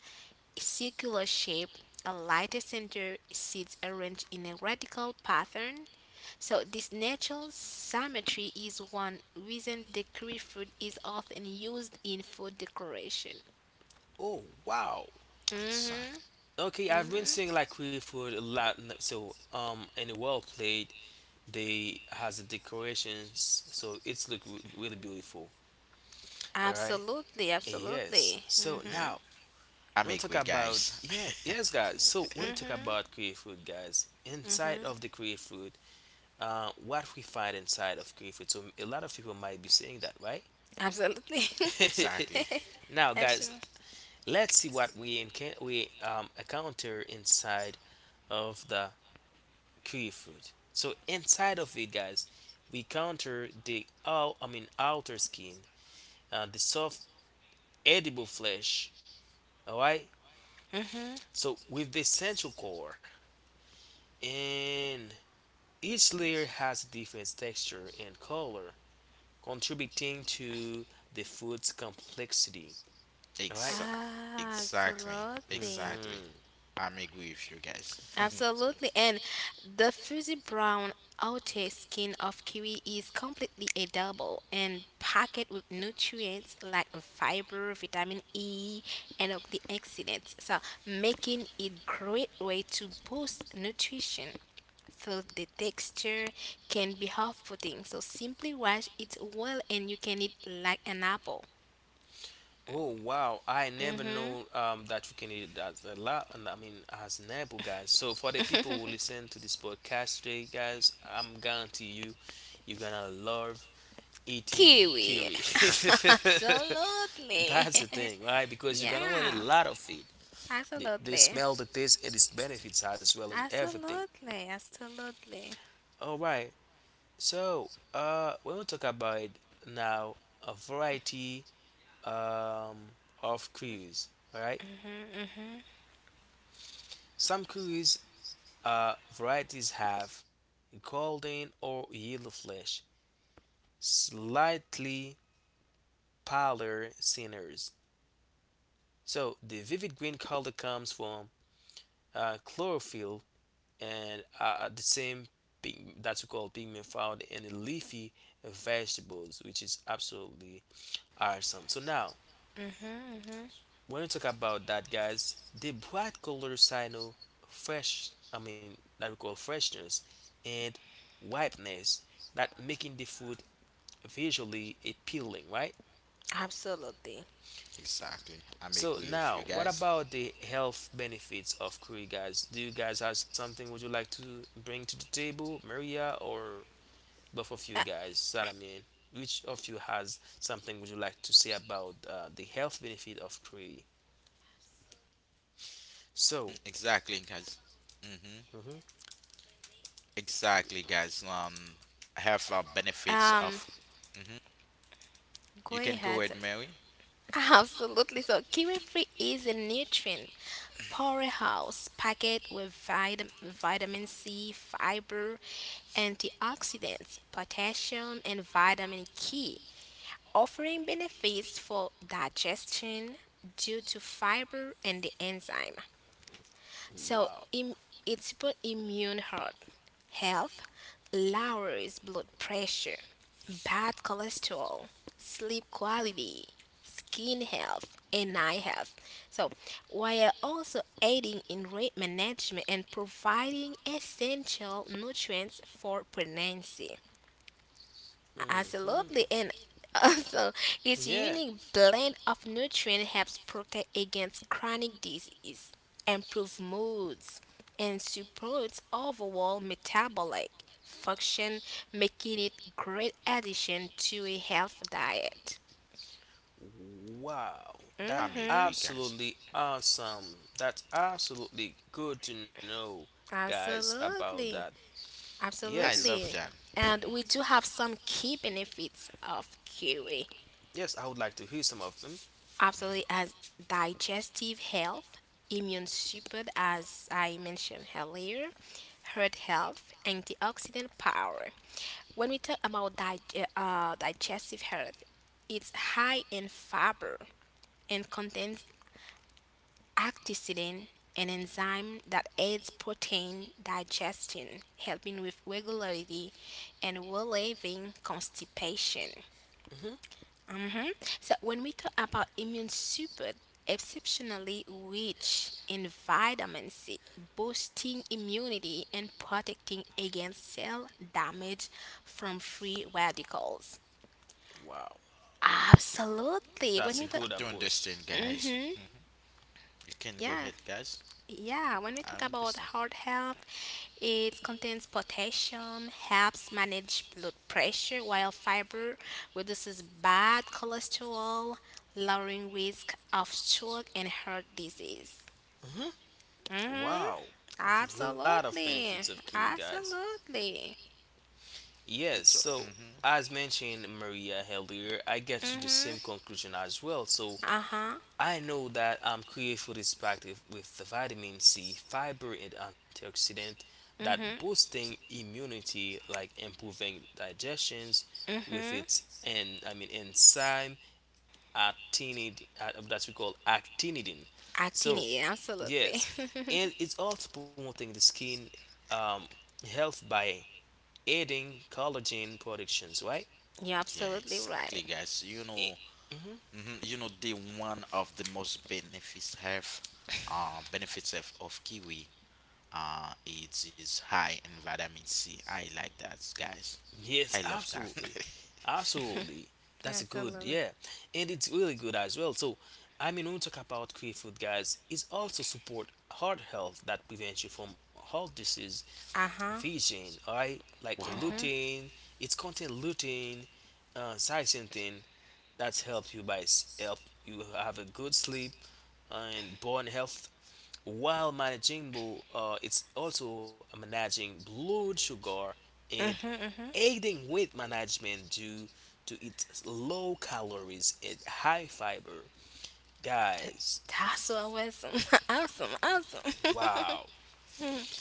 Speaker 2: a circular shape, a lighter center, seeds arranged in a radical pattern, so this natural symmetry is one reason the kiwi fruit is often used in food decoration.
Speaker 1: Oh wow.
Speaker 2: Mhm.
Speaker 3: Exactly.
Speaker 1: Okay, I've been
Speaker 2: Mhm.
Speaker 1: seeing like kiwi food a lot. So in the world plate, they has the decorations, so it's look really beautiful. All right,
Speaker 2: Absolutely,
Speaker 1: and yes.
Speaker 2: absolutely.
Speaker 1: So
Speaker 2: Mhm.
Speaker 1: now
Speaker 3: I'm
Speaker 1: when we talk
Speaker 3: agree,
Speaker 1: about,
Speaker 3: guys.
Speaker 1: yeah, yes, guys. So when we talk
Speaker 3: [laughs]
Speaker 2: Mhm.
Speaker 1: about create food, guys, inside of the create food, what we find inside of create food. So a lot of people might be saying that, right?
Speaker 2: Absolutely.
Speaker 3: exactly.
Speaker 1: [laughs]
Speaker 2: [laughs]
Speaker 1: Now,
Speaker 2: Absolutely.
Speaker 3: Ex-
Speaker 1: guys, let's see what we we encounter inside of the create food. So inside of it, guys, we counter the out, I mean outer skin, the soft edible flesh. All right.
Speaker 2: Mhm.
Speaker 1: So with the central core, and each layer has a different texture and color, contributing to the food's complexity. All right.
Speaker 3: Exa- exactly.
Speaker 2: Absolutely.
Speaker 3: Exactly.
Speaker 1: Mm-hmm.
Speaker 3: I'm agree with you guys.
Speaker 2: Absolutely, and the fuzzy brown outer skin of kiwi is completely edible and packed with nutrients like fiber, vitamin E, and antioxidants, so making it great way to boost nutrition. So the texture can be off-putting, so simply wash it well and you can eat like an apple.
Speaker 1: Oh wow! I never know that you can eat that a lot. And I mean, as an apple, guys. So for the people who listen to this podcast today, guys, I'm guarantee you, you're gonna love eating
Speaker 2: Kiwi.
Speaker 1: curry.
Speaker 2: [laughs]
Speaker 1: [laughs]
Speaker 2: Absolutely.
Speaker 1: That's the thing, right?
Speaker 2: [laughs]
Speaker 1: Because you're gonna learn a
Speaker 2: Yeah,
Speaker 1: lot of it. The
Speaker 2: absolutely.
Speaker 1: smell, the taste, and its benefits as well, and everything.
Speaker 2: Absolutely, absolutely.
Speaker 1: All right. So, when we talk about now a variety um of curries, all right?
Speaker 2: Mhm, mhm,
Speaker 1: Some curries varieties have golden or yellow flesh, slightly paler centers. So the vivid green color comes from chlorophyll and the same that we call pigment found in the leafy vegetables, which is absolutely awesome. So now,
Speaker 2: mhm, mhm.
Speaker 1: when we talk about that, guys, the bright color signal fresh, I mean that we call freshness and ripeness, that making the food visually appealing, right?
Speaker 2: Absolutely.
Speaker 3: [laughs] exactly. I'm
Speaker 1: So
Speaker 3: agree with
Speaker 1: now,
Speaker 3: you
Speaker 1: what
Speaker 3: guys.
Speaker 1: about the health benefits of curry, guys? Do you guys have something would you like to bring to the table, Maria, or both of you
Speaker 2: Uh,
Speaker 1: guys, Salamin, which of you has something would you like to say about the health benefit of kiwi? So,
Speaker 3: Exactly, guys. hmm Exactly, guys. Have benefits
Speaker 2: um,
Speaker 3: of. hmm
Speaker 2: go
Speaker 3: You can
Speaker 2: ahead.
Speaker 3: go ahead, Mary.
Speaker 2: [laughs] Absolutely. So, kiwi fruit is a nutrient powerhouse packed with vitamin C, fiber, antioxidants, potassium, and vitamin K, offering benefits for digestion due to fiber and the enzyme. So
Speaker 1: wow.
Speaker 2: it's about immune heart health, lowers blood pressure, bad cholesterol, sleep quality, skin health, and eye health. So while also aiding in rate management and providing essential nutrients for pregnancy.
Speaker 1: Hmm.
Speaker 2: Absolutely, and also its
Speaker 1: Yeah.
Speaker 2: unique blend of nutrients helps protect against chronic disease, improve moods, and supports overall metabolic function, making it great addition to a health diet.
Speaker 1: Wow, that
Speaker 3: I'm
Speaker 2: Mm-hmm.
Speaker 3: agree, guys.
Speaker 1: absolutely awesome. That's absolutely good to know, guys, about that.
Speaker 2: Absolutely.
Speaker 1: Yes,
Speaker 3: I
Speaker 2: Absolutely.
Speaker 3: love that.
Speaker 2: And we do have some key benefits of kiwi.
Speaker 1: yes, I would like to hear some of them.
Speaker 2: Absolutely, as digestive health, immune support, as I mentioned earlier, heart health, antioxidant power. When we talk about digestive health, it's high in fiber and contains antioxidant an enzyme that aids protein digestion, helping with regularity and relieving constipation.
Speaker 1: Hmm.
Speaker 2: Hmm. So when we talk about immune support, exceptionally rich in vitamin C, boosting immunity and protecting against cell damage from free radicals.
Speaker 1: Wow.
Speaker 2: Absolutely. When
Speaker 1: That's a
Speaker 2: we talk,
Speaker 3: I
Speaker 1: good
Speaker 3: do
Speaker 1: approach.
Speaker 3: understand, guys.
Speaker 2: hmm,
Speaker 3: Mm. You can go
Speaker 2: yeah.
Speaker 3: ahead, guys.
Speaker 2: Yeah, when we
Speaker 3: I
Speaker 2: talk about
Speaker 3: understand.
Speaker 2: heart health, it contains potassium, helps manage blood pressure, while fiber reduces bad cholesterol, lowering risk of stroke and heart disease.
Speaker 1: Hmm.
Speaker 2: Mm-hmm.
Speaker 1: Wow, a lot of benefits of
Speaker 2: Absolutely.
Speaker 1: kiwi, guys.
Speaker 2: Absolutely.
Speaker 1: Yes,
Speaker 3: It's.
Speaker 1: so
Speaker 3: hmm
Speaker 1: as mentioned Maria earlier, I get to the
Speaker 2: Mm-hmm.
Speaker 1: same conclusion as well. So
Speaker 2: Uh-huh.
Speaker 1: I know that kiwi food is packed with the vitamin C, fiber, and antioxidant that
Speaker 2: Mm-hmm.
Speaker 1: boosting immunity, like improving digestions with
Speaker 2: Mm-hmm.
Speaker 1: its, and I mean enzyme actinidin, that we call actinidin. So
Speaker 2: Actinity, absolutely.
Speaker 1: yes,
Speaker 2: [laughs]
Speaker 1: and it's also promoting the skin um, health by aiding collagen productions, right?
Speaker 2: You're
Speaker 3: Yeah,
Speaker 2: absolutely
Speaker 3: exactly,
Speaker 2: right.
Speaker 3: guys. You
Speaker 1: Eh,
Speaker 3: know,
Speaker 1: mm-hmm.
Speaker 3: you know, the one of the most benefits have of kiwi it is high in vitamin C. I like that, guys.
Speaker 1: Yes,
Speaker 3: I love that.
Speaker 1: absolutely.
Speaker 3: [laughs]
Speaker 1: Absolutely, that's a good,
Speaker 2: Absolutely.
Speaker 1: yeah. And it's really good as well. So I mean, when we talk about quick food, guys, it's also support heart health that prevents you from heart disease,
Speaker 2: Uh-huh.
Speaker 1: vision, all right? Like
Speaker 3: wow.
Speaker 1: lutein, it's contain lutein, zeaxanthin, that's help you by help you have a good sleep and bone health, while managing bull, it's also managing blood sugar and aiding weight management due to its low calories and high fiber.
Speaker 2: Th-
Speaker 1: Guys,
Speaker 2: That's what was [laughs] awesome, awesome.
Speaker 1: wow.
Speaker 2: [laughs]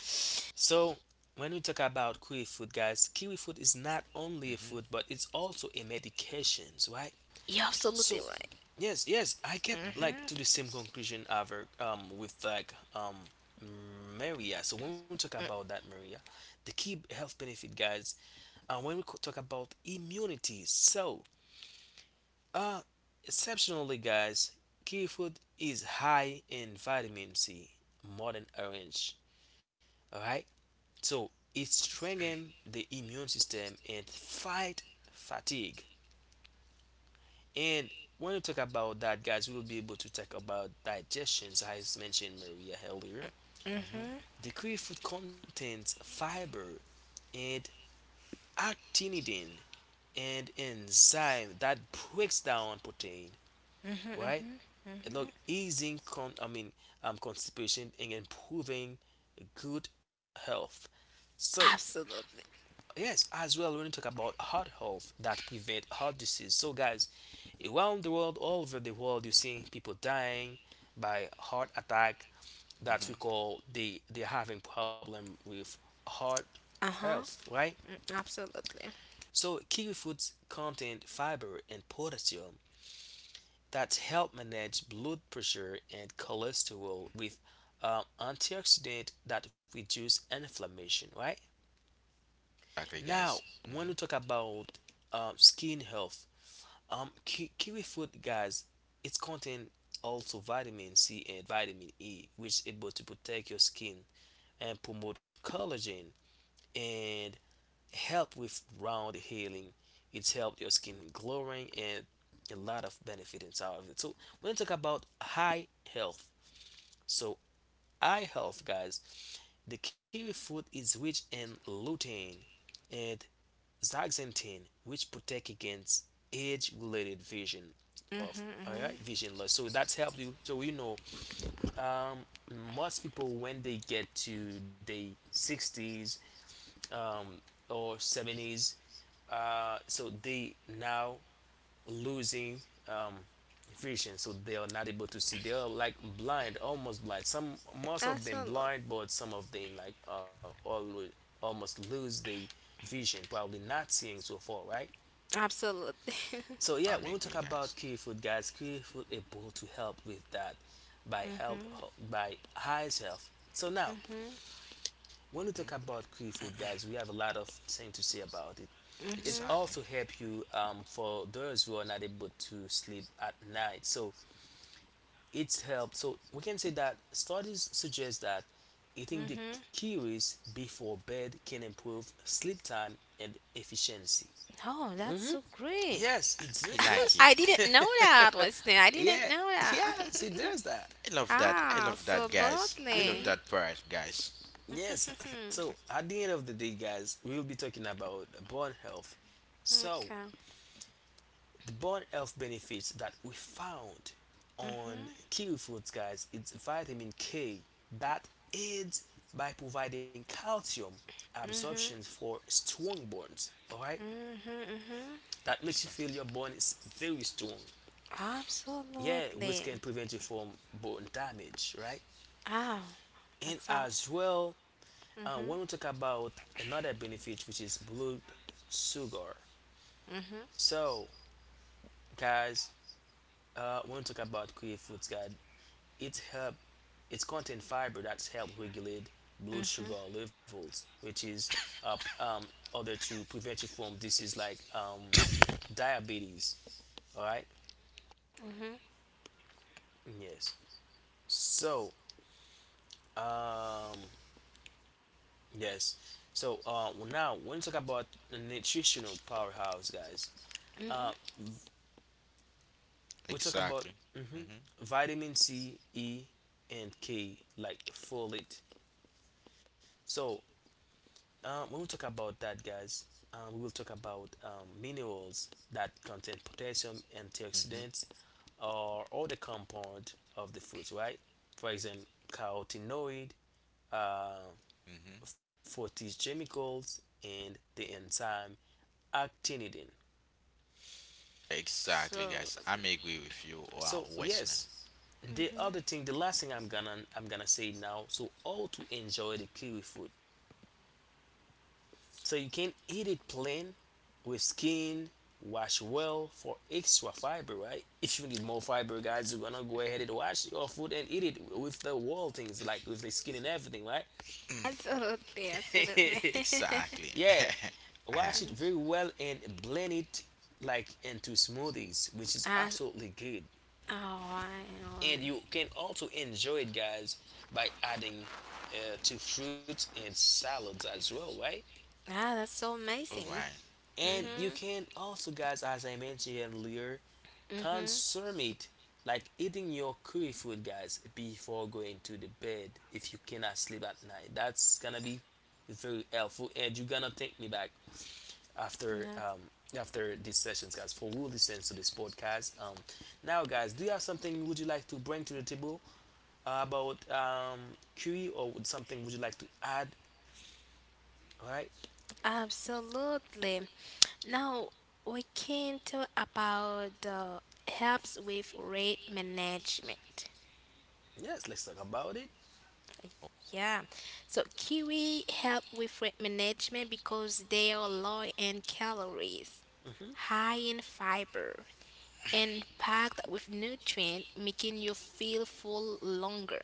Speaker 1: So, when we talk about kiwi fruit, guys, kiwi fruit is not only a
Speaker 3: Mhm.
Speaker 1: fruit, but it's also a medications, right?
Speaker 2: You're absolutely
Speaker 1: So,
Speaker 2: right.
Speaker 1: yes, yes, I get
Speaker 3: Mhm.
Speaker 2: Mm-hmm,
Speaker 1: like to the same conclusion ever with like Maria. So when we talk about that, Maria, the key health benefit, guys, and when we talk about immunity, so uh exceptionally, guys, kiwi fruit is high in vitamin C, more than orange. All right. So it strengthens the immune system and fight fatigue. And when we talk about that, guys, we'll be able to talk about digestions, as mentioned Maria earlier.
Speaker 2: mm-hmm,
Speaker 1: The kiwi contains fiber and actinidin, and enzyme that breaks down protein,
Speaker 2: mm-hmm.
Speaker 1: right?
Speaker 2: Mm-hmm.
Speaker 1: And look, easing con I mean constipation and improving good health. So
Speaker 2: Absolutely.
Speaker 1: yes, as well, when you talk about heart health that prevent heart disease. So, guys, around the world, all over the world, you're seeing people dying by heart attack. That
Speaker 3: Mhm.
Speaker 1: we call, they they're having problem with heart health,
Speaker 2: Uh-huh.
Speaker 1: right?
Speaker 2: Mm, absolutely.
Speaker 1: So, kiwi foods contain fiber and potassium that help manage blood pressure and cholesterol with antioxidant that reduce inflammation, right?
Speaker 3: Exactly, guys.
Speaker 1: Now,
Speaker 3: Mhm.
Speaker 1: when we talk about skin health, kiwi fruit, guys, it's contain also vitamin C and vitamin E, which able to protect your skin and promote collagen and help with round healing. It's helped your skin glowing, and a lot of benefit inside of it. So when you talk about high health, so eye health, guys, the kiwi fruit is rich in lutein and Zaxanthin, which protect against age-related vision of
Speaker 2: Mm-hmm,
Speaker 1: all
Speaker 2: mm-hmm.
Speaker 1: right vision loss. So that's helped you. So you know, most people when they get to the 60s um, or 70s, so they now losing um, vision. So they are not able to see. They are like blind, almost blind. Some most of them
Speaker 2: Absolutely.
Speaker 1: blind, but some of them like always almost lose the vision, probably not seeing so far, right?
Speaker 2: Absolutely.
Speaker 1: So yeah,
Speaker 3: I'm
Speaker 1: when we talk
Speaker 3: agree, guys.
Speaker 1: about Kiwi fruit, guys, Kiwi fruit able to help with that by help by high health. So now, when we talk
Speaker 3: Mhm.
Speaker 1: about Kiwi fruit, guys, we have a lot of thing to say about it.
Speaker 2: [laughs]
Speaker 1: It
Speaker 3: Exactly.
Speaker 1: also help you for those who are not able to sleep at night. So it's help. So we can say that studies suggest that eating the
Speaker 2: Mm-hmm.
Speaker 1: kiwis before bed can improve sleep time and efficiency.
Speaker 2: Oh, that's
Speaker 1: Hmm.
Speaker 2: so great.
Speaker 1: Yes, it's
Speaker 3: I like
Speaker 2: [laughs]
Speaker 1: yes.
Speaker 3: it.
Speaker 2: I didn't know that, Wesley.
Speaker 1: [laughs]
Speaker 2: I didn't
Speaker 1: Yeah,
Speaker 2: know that.
Speaker 1: yeah. See, there's that.
Speaker 3: I
Speaker 2: [laughs]
Speaker 3: love that. I love that, guys. I love
Speaker 2: Absolutely.
Speaker 3: that part, guys.
Speaker 1: Yes.
Speaker 2: Hmm,
Speaker 1: So at the end of the day, guys, we will be talking about bone health. So
Speaker 2: okay.
Speaker 1: the bone health benefits that we found on kiwi foods, guys, it's vitamin K that aids by providing calcium absorption
Speaker 2: Mm-hmm.
Speaker 1: for strong bones. All right,
Speaker 2: Mm-hmm. Mm-hmm.
Speaker 1: that makes you feel your
Speaker 3: Exactly.
Speaker 1: bone is very strong. Yeah, which
Speaker 2: Absolutely.
Speaker 1: can prevent you from bone damage, right?
Speaker 2: Oh,
Speaker 1: And
Speaker 2: that's awesome.
Speaker 1: as well when we
Speaker 2: Mhm.
Speaker 1: talk about another benefit which is blood sugar.
Speaker 2: Mhm.
Speaker 1: So guys, when we talk about kiwi foods guys, it help, it's contain fiber that's help regulate blood
Speaker 2: Mhm.
Speaker 1: sugar levels, which is uh, um, order to prevent you from disease like diabetes, all right.
Speaker 2: Mhm.
Speaker 1: Yes, so um yes. So now when we talk about the nutritional powerhouse guys, uh,
Speaker 2: Mhm.
Speaker 1: we talk about
Speaker 3: Exactly.
Speaker 1: mhm,
Speaker 3: Mhm.
Speaker 1: vitamin C, E, and K, like folate. So when we talk about that, guys, we will talk about minerals that contain potassium, antioxidants,
Speaker 3: Mhm.
Speaker 1: or other compound of the fruits, right? For example, carotenoid, uh,
Speaker 3: Mhm.
Speaker 1: phytochemicals, and the enzyme actinidin.
Speaker 3: Exactly,
Speaker 2: So
Speaker 3: guys. I'm agree with you,
Speaker 1: So
Speaker 3: Westner.
Speaker 1: yes,
Speaker 3: Mhm.
Speaker 1: the last thing I'm gonna say now. So how to enjoy the kiwi fruit? So you can eat it plain with skin, wash well for extra fiber, right? If you need more fiber guys, you're gonna go ahead and wash your food and eat it with the whole things, like with the skin and everything, right?
Speaker 3: [clears throat]
Speaker 2: absolutely, absolutely.
Speaker 1: [laughs]
Speaker 3: Exactly.
Speaker 2: [laughs]
Speaker 1: Yeah,
Speaker 3: [laughs]
Speaker 1: wash it very well and blend it like into smoothies, which is
Speaker 2: I,
Speaker 1: absolutely good.
Speaker 2: oh, I know.
Speaker 1: And you can also enjoy it guys by adding to fruits and salads as well, right?
Speaker 2: Ah, that's so
Speaker 3: All
Speaker 2: amazing.
Speaker 3: right. Mm-hmm.
Speaker 1: And you
Speaker 2: Mhm.
Speaker 1: can also guys, as I mentioned earlier,
Speaker 2: Mhm.
Speaker 1: consume it like eating your curry food guys before going to the bed. If you cannot sleep at night, that's gonna be very helpful, and you're gonna take me back after
Speaker 2: Yeah,
Speaker 1: after these sessions guys, for who listens to this podcast. Now guys, do you have something would you like to bring to the table about Curie, or would something would you like to add? All right.
Speaker 2: absolutely. Now we can talk about the helps with rate management.
Speaker 1: Yes, let's talk about it.
Speaker 2: Yeah. So kiwi help with rate management because they are low in calories,
Speaker 1: Hmm.
Speaker 2: high in fiber, and packed with nutrients, making you feel full longer,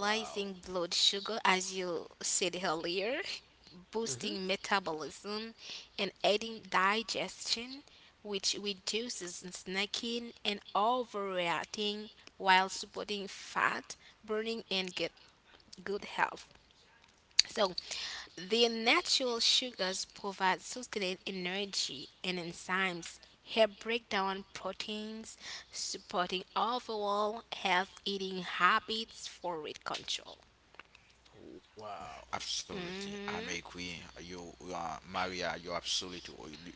Speaker 1: Wow.
Speaker 2: blood sugar, as you said earlier, [laughs]
Speaker 1: Hmm.
Speaker 2: boosting metabolism, and aiding digestion, which reduces snacking and overeating while supporting fat burning and get good health. So, the natural sugars provide sustained energy and enzymes help break down proteins, supporting overall health eating habits for weight control.
Speaker 1: Wow.
Speaker 3: Absolutely, I'm
Speaker 2: Hmm.
Speaker 3: agree. You, Maria,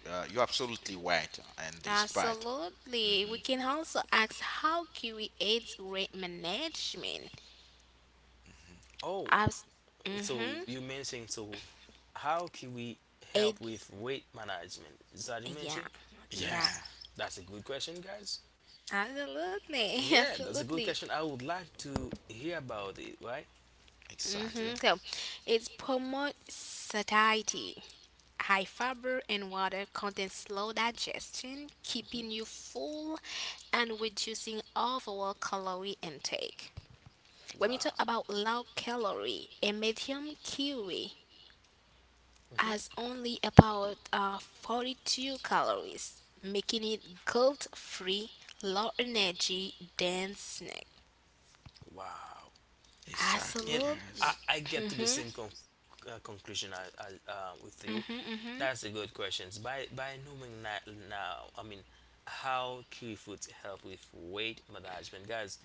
Speaker 3: you're absolutely right on this part.
Speaker 2: Absolutely. We
Speaker 3: hmm
Speaker 2: can also ask how kiwi aids weight management.
Speaker 1: Oh,
Speaker 2: Abs-
Speaker 1: so
Speaker 2: mm-hmm.
Speaker 1: you mentioned, so how can we help
Speaker 2: Aid.
Speaker 1: with weight management? Is that you mentioned?
Speaker 2: Yeah. Yeah.
Speaker 3: Yeah,
Speaker 1: That's a good question, guys.
Speaker 2: Absolutely. [laughs]
Speaker 1: Yeah, that's a good
Speaker 2: Absolutely.
Speaker 1: question. I would like to hear about it, right?
Speaker 3: exactly,
Speaker 2: Hmm. So, it promotes satiety. High fiber and water content slow digestion,
Speaker 1: Hmm.
Speaker 2: keeping you full and reducing overall calorie intake. When we talk
Speaker 1: Wow.
Speaker 2: about low calorie, a medium kiwi
Speaker 1: Hmm.
Speaker 2: has only about 42 calories, making it guilt free, low energy, dense snack.
Speaker 1: Wow.
Speaker 3: exactly,
Speaker 1: And I,
Speaker 2: Absolutely.
Speaker 3: guys.
Speaker 1: I get to the
Speaker 2: Mhm.
Speaker 1: same conclusion with you.
Speaker 2: Mhm.
Speaker 1: That's a
Speaker 2: Mhm.
Speaker 1: good question. By knowing that now, I mean, how kiwi foods help with weight management, guys.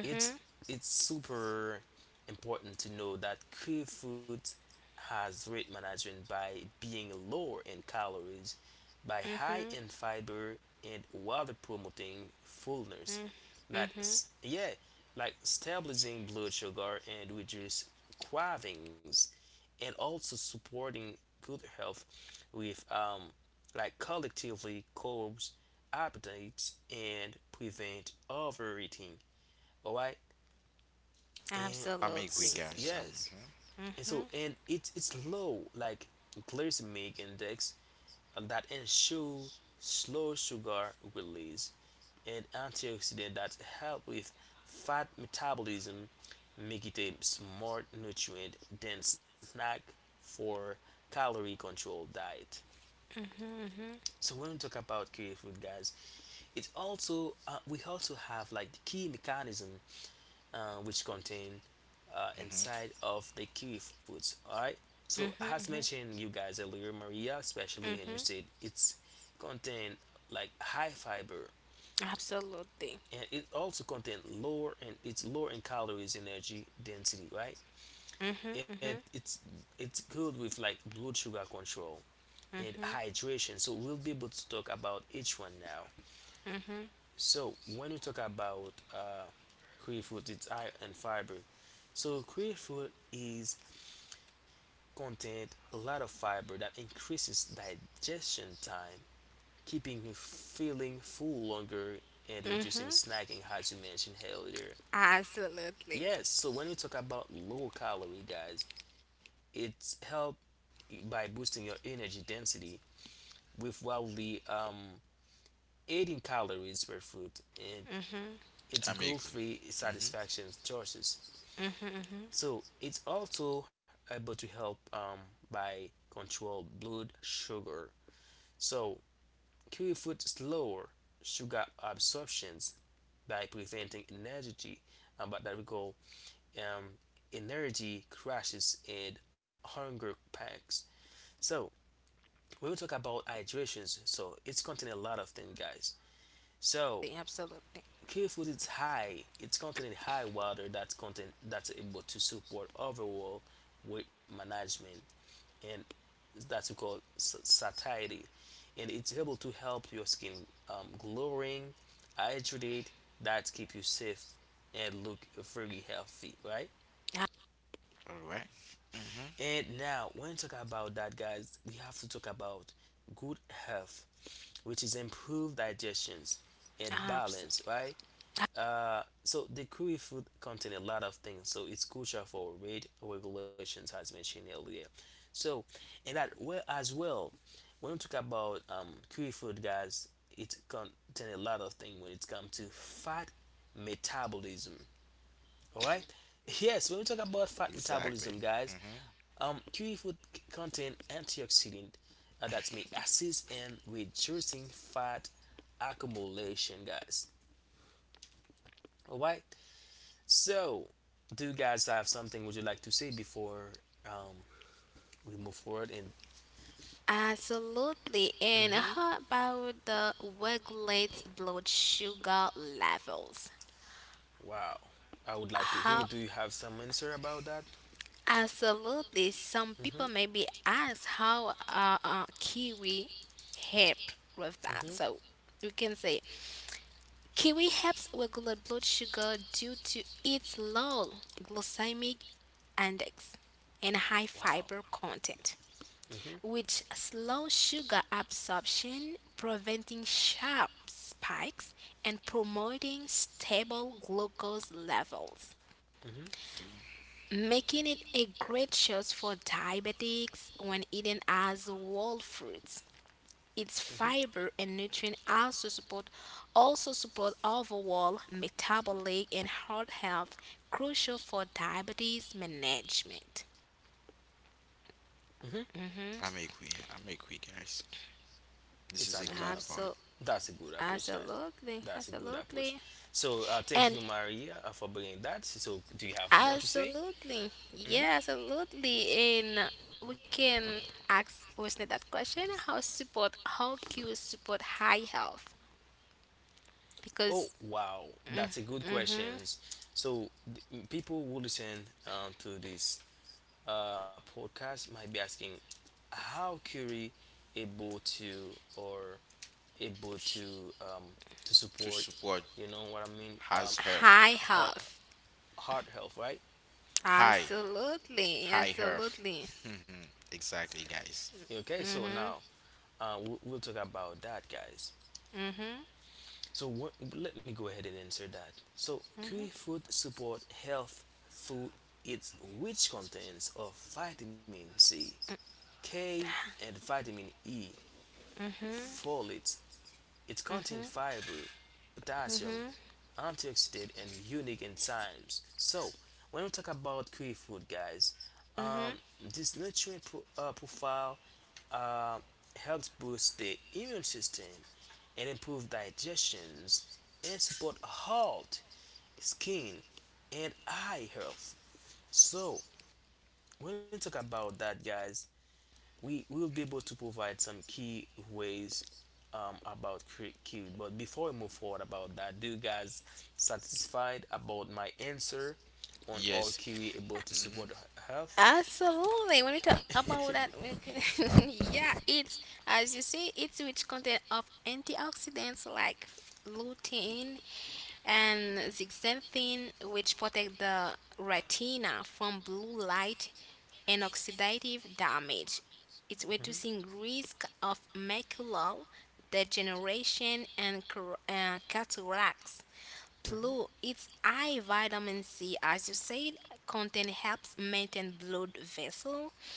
Speaker 1: It's it's super important to know that Kui food has weight management by being lower in calories, by high
Speaker 2: Mhm.
Speaker 1: in fiber and while promoting fullness.
Speaker 2: Mhm.
Speaker 1: Yeah, like stabilizing blood sugar and reduce cravings, and also supporting good health with like collectively curbs appetites and prevent overeating. Alright, and
Speaker 3: I'm agree,
Speaker 2: Absolutely.
Speaker 1: so,
Speaker 3: guys. I'm,
Speaker 1: yes.
Speaker 3: hmm
Speaker 1: And so,
Speaker 2: Mhm.
Speaker 1: and it's low like glycemic index that ensure slow sugar release and antioxidant that help with fat metabolism, make it a smart nutrient dense snack for calorie controlled diet.
Speaker 2: Mhm.
Speaker 1: So when we talk about curry food guys, it's also we also have like the key mechanism which contain
Speaker 3: hmm
Speaker 1: inside of the kiwi fruits. All right. So as
Speaker 2: Mhm.
Speaker 1: mentioned you guys earlier, Maria especially, and you
Speaker 2: Mhm.
Speaker 1: said it's contain like high fiber,
Speaker 2: Absolutely.
Speaker 1: and it also contain lower, and it's lower in calories, energy density, right?
Speaker 2: Mhm.
Speaker 1: And
Speaker 2: Mhm.
Speaker 1: it's good with like blood sugar control and
Speaker 2: Mhm.
Speaker 1: hydration. So we'll be able to talk about each one now.
Speaker 2: Mhm.
Speaker 1: So when we talk about kiwi fruit, it's high in fiber. So kiwi fruit is contain a lot of fiber that increases digestion time, keeping you feeling full longer and reducing
Speaker 2: Mhm.
Speaker 1: snacking, as you mentioned earlier.
Speaker 2: Absolutely.
Speaker 1: Yes, so when we talk about low calorie, guys, it's helped by boosting your energy density with wildly 18 calories per food, and
Speaker 2: Mhm.
Speaker 1: it's
Speaker 3: I'm agree.
Speaker 1: guilt-free
Speaker 3: Mm-hmm.
Speaker 1: satisfaction choices.
Speaker 2: Mhm. Mhm.
Speaker 1: So it's also able to help by control blood sugar. So Kiwifruit slower sugar absorptions by preventing energy, but that we call um, energy crashes and hunger packs. So when we talk about hydrations, so it's containing a lot of things, guys. So
Speaker 2: Absolutely.
Speaker 1: kiwifruit is high; it's containing high water that's content that's able to support overall weight management and that's called satiety, and it's able to help your skin glowing hydrated, that keep you safe and look very healthy, right?
Speaker 3: All right. Mm-hmm.
Speaker 1: And now when you talk about that guys, we have to talk about good health, which is improved digestions and
Speaker 2: Abs-
Speaker 1: balance, right? So the kiwi fruit contain a lot of things, so it's crucial for weight regulations, as mentioned earlier. So, and that well as well, when we talk about kiwi fruit, guys, it contain a lot of things when it comes to fat metabolism. All right. Yes, when we talk about fat
Speaker 3: Exactly.
Speaker 1: metabolism, guys,
Speaker 3: Mm-hmm.
Speaker 1: kiwi fruit contain antioxidant that may assist in reducing fat accumulation, guys. All right. So, do you guys have something would you like to say before we move forward? And
Speaker 2: Absolutely. And
Speaker 1: mhm.
Speaker 2: how about the regulates blood sugar levels?
Speaker 1: Wow, I would like to hear.
Speaker 2: How
Speaker 1: Do you have some answer about that?
Speaker 2: absolutely some
Speaker 1: Hmm.
Speaker 2: people maybe ask how kiwi help with that.
Speaker 1: Hmm.
Speaker 2: So you can say kiwi helps regulate blood sugar due to its low glycemic index and high
Speaker 1: Wow.
Speaker 2: fiber content,
Speaker 1: Hmm.
Speaker 2: which slows sugar absorption, preventing sharp spikes and promoting stable glucose levels,
Speaker 1: Hmm.
Speaker 2: making it a great choice for diabetics when eaten as whole fruits. Its
Speaker 1: Hmm.
Speaker 2: fiber and nutrient also support overall metabolic and heart health, crucial for diabetes management.
Speaker 1: Hmm.
Speaker 3: I'm agree. I'm agree, guys. This
Speaker 1: It's
Speaker 3: is a
Speaker 1: had a
Speaker 3: good
Speaker 1: lot of
Speaker 3: part
Speaker 1: things.
Speaker 2: Absolutely.
Speaker 1: That's a good approach, guys.
Speaker 2: Absolutely,
Speaker 1: That's a good approach.
Speaker 2: absolutely,
Speaker 1: So thanks
Speaker 2: and
Speaker 1: you, Maria, for bringing that. So do you have more to say?
Speaker 2: absolutely,
Speaker 1: Hmm.
Speaker 2: yeah, absolutely. And we can ask wasn't that question? How support? How cues support high health?
Speaker 1: Oh
Speaker 2: Because
Speaker 1: wow, that's a good
Speaker 2: mm-hmm,
Speaker 1: questions. So people who listen to this podcast might be asking how Curie able to, or able to
Speaker 3: to
Speaker 1: support.
Speaker 3: support
Speaker 1: You know what I mean?
Speaker 3: has health
Speaker 2: high
Speaker 1: Heart
Speaker 2: health,
Speaker 1: heart health, right?
Speaker 3: high
Speaker 2: absolutely,
Speaker 3: High Earth.
Speaker 2: absolutely.
Speaker 3: [laughs] exactly, guys.
Speaker 1: Okay, so now we'll talk about that, guys.
Speaker 2: Mm-hmm.
Speaker 1: So what, let me go ahead and answer that. So kiwi fruit support health through its rich contents of vitamin C, K, and vitamin E, folates. It contains fiber, potassium, antioxidant, and unique enzymes. So when we talk about kiwi fruit, guys,
Speaker 2: Hmm.
Speaker 1: this nutrient profile uh, helps boost the immune system and improve digestions and support heart, skin, and eye health. So when we talk about that, guys, we will be able to provide some key ways about Kiwi. But before we move forward about that, do you guys satisfied about my answer on all
Speaker 3: Yes.
Speaker 1: Kiwi able to
Speaker 3: Mm-hmm.
Speaker 1: support health?
Speaker 2: Absolutely. When we talk
Speaker 1: Absolutely.
Speaker 2: about
Speaker 1: [laughs] I'm all that. [laughs]
Speaker 2: that, we can- [laughs] yeah,
Speaker 1: Yeah,
Speaker 2: it's
Speaker 1: eat.
Speaker 2: as you see, it's rich content of antioxidants like lutein and zeaxanthin, which protect the retina from blue light and oxidative damage. It's
Speaker 1: Mhm.
Speaker 2: reducing risk of macular degeneration and cataracts.
Speaker 1: Mhm.
Speaker 2: Blue, its high vitamin C, as you said, content helps maintain blood vessel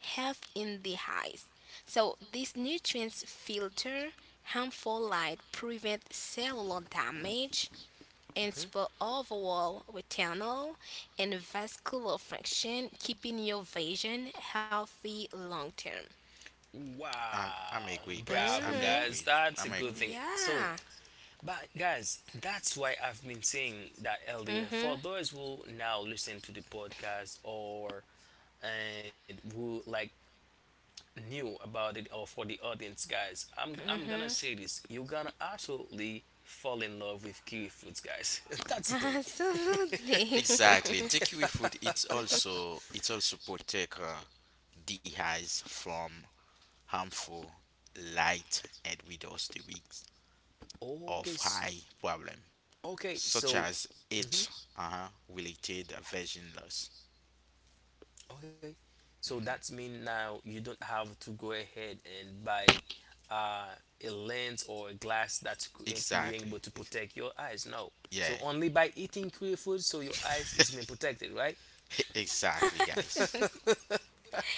Speaker 2: health in the eyes. So these nutrients filter harmful light, prevent cellular damage, and
Speaker 1: Mhm.
Speaker 2: support overall retinal and vascular function, keeping your vision healthy long term.
Speaker 3: I'm
Speaker 1: Wow,
Speaker 3: agree, guys.
Speaker 1: bravo,
Speaker 3: I'm
Speaker 2: Mhm.
Speaker 1: guys.
Speaker 3: agree.
Speaker 1: That's a
Speaker 3: I'm
Speaker 1: good
Speaker 3: agree.
Speaker 1: thing.
Speaker 2: Yeah.
Speaker 1: So, but guys, that's why I've been saying that LDA,
Speaker 2: Mhm.
Speaker 1: for those who now listen to the podcast or and who like new about it, or for the audience guys, I'm gonna say this, you're gonna absolutely fall in love with kiwi fruits, guys. [laughs]
Speaker 2: [laughs]
Speaker 1: That's the thing. [laughs]
Speaker 2: Absolutely.
Speaker 1: Bec-
Speaker 3: Exactly. The kiwi fruit it's also protect the eyes from harmful light and reduce the risk
Speaker 1: [laughs] okay
Speaker 3: of high problem
Speaker 1: okay
Speaker 3: such
Speaker 1: so
Speaker 3: as
Speaker 1: hmm
Speaker 3: age related vision loss.
Speaker 1: okay so that's mean now you don't have to go ahead and buy uh, a lens or a glass that's being able
Speaker 3: Exactly.
Speaker 1: to protect your eyes, no.
Speaker 3: Yeah.
Speaker 1: So only by eating kiwi food, so your eyes is being protected, right?
Speaker 3: [laughs] exactly, guys.
Speaker 1: [laughs]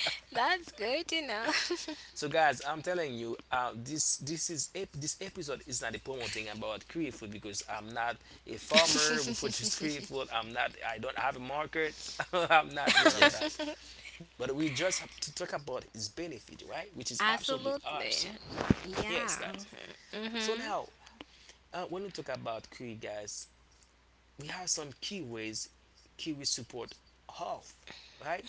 Speaker 2: [laughs] That's good to know.
Speaker 1: So guys, I'm telling you, this is this episode is not a promoting about Korean food, because I'm not a
Speaker 2: [laughs]
Speaker 1: farmer who produces Korean food. I'm not. I don't have a market. [laughs] I'm not one of
Speaker 3: Yeah.
Speaker 1: that. But we just have to talk about its benefit, right? Which is absolutely awesome.
Speaker 2: Absolutely.
Speaker 1: Yes,
Speaker 2: Yeah.
Speaker 1: guys. So
Speaker 2: Mhm.
Speaker 1: now, when we talk about Korea, guys, we have some key ways Kiwi support health, right?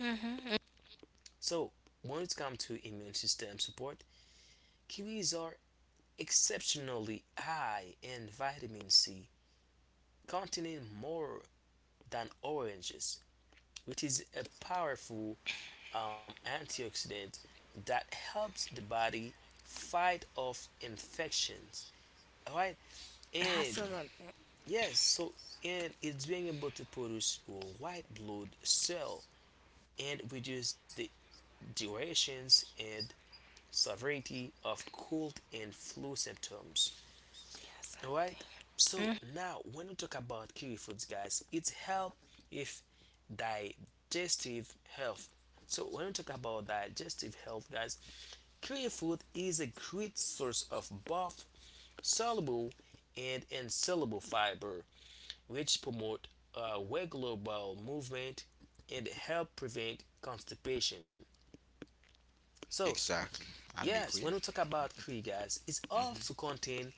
Speaker 1: So when it comes to immune system support, kiwis are exceptionally high in vitamin C, containing more than oranges, which is a powerful antioxidant that helps the body fight off infections. All right, and
Speaker 2: Absolutely.
Speaker 1: yes, so and it's being able to produce white blood cell and reduce the durations and severity of cold and flu symptoms.
Speaker 2: Yes.
Speaker 1: All right. So
Speaker 2: Mhm.
Speaker 1: now, when we talk about kiwi foods, guys, it's help if digestive health. So when we talk about digestive health, guys, kiwi food is a great source of both soluble and insoluble fiber, which promote regular bowel movement and help prevent constipation. So
Speaker 3: Exactly. I'm
Speaker 1: yes, when we
Speaker 3: agree.
Speaker 1: talk about kiwi, guys, it's also
Speaker 3: Mm-hmm.
Speaker 1: contain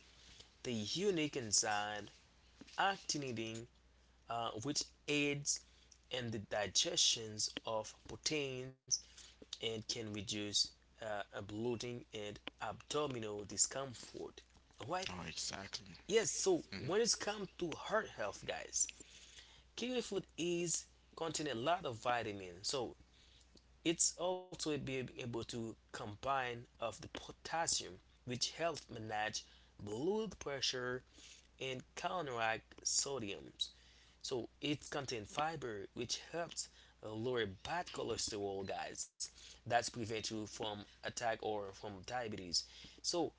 Speaker 1: the unique enzyme actinidine, which aids in the digestions of proteins and can reduce bloating and abdominal discomfort. Alright,
Speaker 3: Oh, exactly.
Speaker 1: yes, so
Speaker 3: hmm
Speaker 1: when it's come to heart health, guys, kiwi fruit is contain a lot of vitamins, so it's also being able to combine of the potassium, which helps manage blood pressure and counteract sodium. So it contains fiber, which helps lower bad cholesterol, guys. That's prevent you from attack or from diabetes. So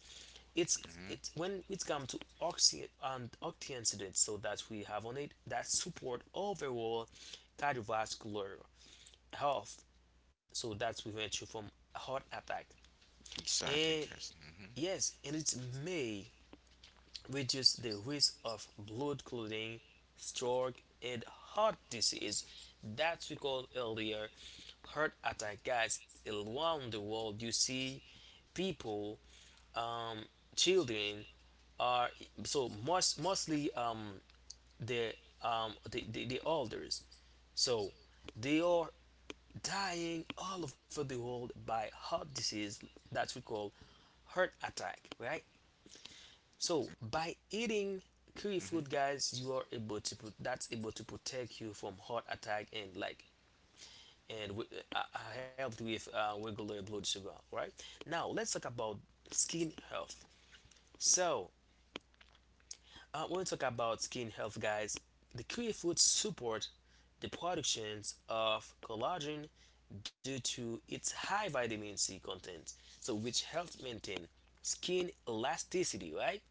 Speaker 1: it's
Speaker 3: hmm
Speaker 1: it when it's come to oxy and antioxidants, so that we have on it that support overall cardiovascular health, so that's prevent you from heart attack.
Speaker 3: Exactly,
Speaker 1: And
Speaker 3: guys. hmm
Speaker 1: yes, and it's may reduce the risk of blood clotting, stroke, and heart disease that we called earlier heart attack. Guys, around the world, you see people, um, children are so mostly the the elders. So they are dying all over the world by heart disease that we call heart attack, right? So by eating kiwi
Speaker 3: hmm
Speaker 1: food, guys, you are able to put that's able to protect you from heart attack and like and helped with regular blood sugar. Right now, let's talk about skin health. So when we talk about skin health, guys, the kiwi fruit support the productions of collagen due to its high vitamin C content, so which helps maintain skin elasticity, right?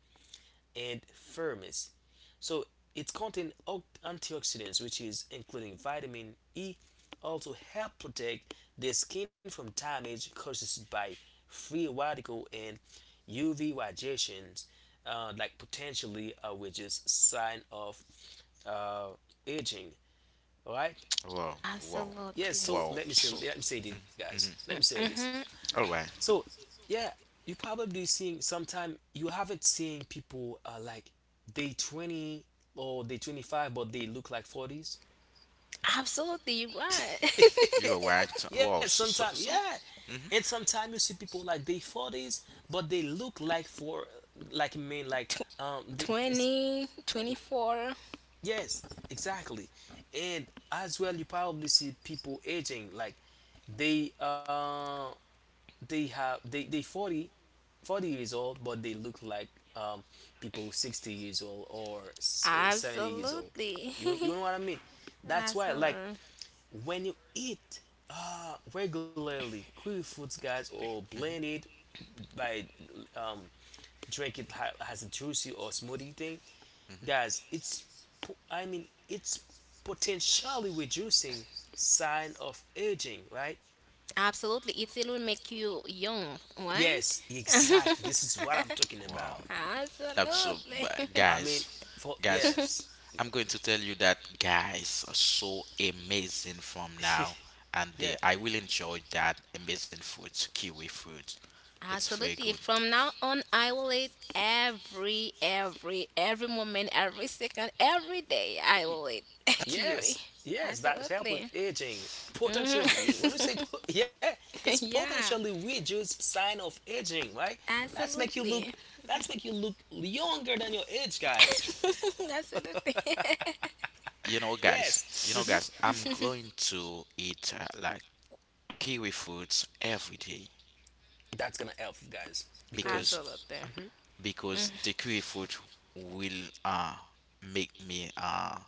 Speaker 1: And firmness. So it contains antioxidants, which is including vitamin E, also help protect the skin from damage caused by free radical and UV radiations, like potentially which is sign of uh, aging. All right.
Speaker 3: Wow, wow,
Speaker 1: Yes.
Speaker 2: Absolutely.
Speaker 1: So
Speaker 3: wow. So,
Speaker 1: let me say this, guys.
Speaker 3: mhm.
Speaker 1: Let me say this,
Speaker 2: Mhm.
Speaker 3: All right,
Speaker 1: so yeah, you probably seeing sometime you haven't seen people like they 20 or they 25 but they look like 40s.
Speaker 2: Absolutely. You're right.
Speaker 3: you
Speaker 2: [laughs]
Speaker 3: are right.
Speaker 1: [laughs] Yeah, sometimes, yeah.
Speaker 3: So. hmm
Speaker 1: And sometimes you see people like they 40s but they look like for like men like they, it's-
Speaker 2: 20, 24.
Speaker 1: Yes, exactly. And as well, you probably see people aging like they uh they have they 40 40 years old but they look like um, people 60 years old or 70 years old.
Speaker 2: Absolutely.
Speaker 1: You know what I mean?
Speaker 2: [laughs]
Speaker 1: That's why like
Speaker 2: Absolutely.
Speaker 1: when you eat regularly quick foods, guys, or blend
Speaker 3: hmm
Speaker 1: it by um, drink it as a juicy or smoothie thing, guys, it's it's potentially reducing sign of aging, right?
Speaker 2: Absolutely. It still will make you young,
Speaker 1: Yes,
Speaker 2: right?
Speaker 1: exactly,
Speaker 2: [laughs]
Speaker 1: this is what I'm talking
Speaker 3: Wow.
Speaker 1: about.
Speaker 3: That's so,
Speaker 2: Absolutely.
Speaker 3: but
Speaker 1: i mean
Speaker 3: guys,
Speaker 1: for,
Speaker 3: guys.
Speaker 1: yes.
Speaker 3: I'm going to tell you that guys are so amazing from
Speaker 1: [laughs]
Speaker 3: now, and they,
Speaker 1: Yeah.
Speaker 3: I will enjoy that amazing fruit, kiwi fruit. It's very
Speaker 2: Absolutely.
Speaker 3: good.
Speaker 2: From now on, I will eat every moment, every second, every day. I will eat [laughs] kiwi.
Speaker 1: Yes. Yes. That help with
Speaker 2: Absolutely.
Speaker 1: aging.
Speaker 2: Hmm.
Speaker 1: Potentially, when you say yeah, it's
Speaker 2: [laughs]
Speaker 1: potentially
Speaker 2: yeah.
Speaker 1: reduce sign of aging, right? That's make you look.
Speaker 2: Absolutely.
Speaker 1: That's make you look younger than your age, guys.
Speaker 2: [laughs] Absolutely.
Speaker 1: [laughs]
Speaker 3: You know, guys.
Speaker 1: Yes.
Speaker 3: You know,
Speaker 1: Hmm.
Speaker 3: guys. I'm
Speaker 2: [laughs]
Speaker 3: going to eat like kiwi fruits every day
Speaker 1: That's gonna help, guys, because
Speaker 3: because
Speaker 2: Absolutely.
Speaker 1: hmm.
Speaker 2: Mm-hmm.
Speaker 3: because the kiwi fruit will make me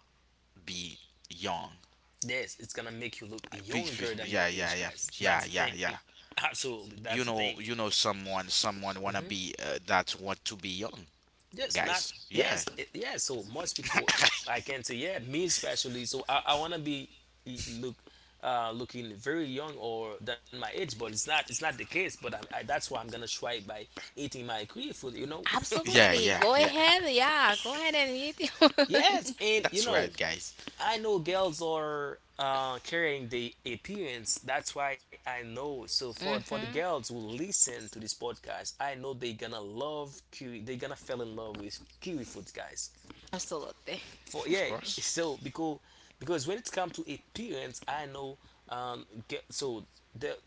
Speaker 3: be young.
Speaker 1: Yes, it's gonna make you look
Speaker 3: Be-
Speaker 1: younger than your
Speaker 3: Yeah, yeah,
Speaker 1: age,
Speaker 3: yeah,
Speaker 1: guys.
Speaker 3: yeah,
Speaker 1: That's the
Speaker 3: yeah,
Speaker 1: thing.
Speaker 3: yeah.
Speaker 1: Absolutely, that's the thing.
Speaker 3: You know, someone, someone wanna
Speaker 1: Mm-hmm.
Speaker 3: be that want to be young,
Speaker 1: Yes, not
Speaker 3: guys. Yeah,
Speaker 1: yes, yeah. So most people,
Speaker 3: [coughs]
Speaker 1: I can say, yeah, me especially. So I wanna be look, looking very young or than my age, but it's not the case. But that's why I'm gonna try it by eating my Korean food. You know,
Speaker 3: yeah,
Speaker 2: Absolutely.
Speaker 3: yeah,
Speaker 2: Go
Speaker 3: yeah.
Speaker 2: ahead. Yeah. Go ahead and eat
Speaker 1: [laughs]
Speaker 2: it. [laughs]
Speaker 1: yes, and you
Speaker 3: That's
Speaker 1: know,
Speaker 3: right, guys.
Speaker 1: I know girls are carrying the appearance. That's why I know. So for the
Speaker 2: Hmm.
Speaker 1: girls who listen to this podcast, I know they gonna love kiwi. They gonna fall in love with kiwi foods, guys.
Speaker 2: Absolutely.
Speaker 1: For, yeah.
Speaker 3: Of course,
Speaker 1: So because when it comes to appearance, I know so the,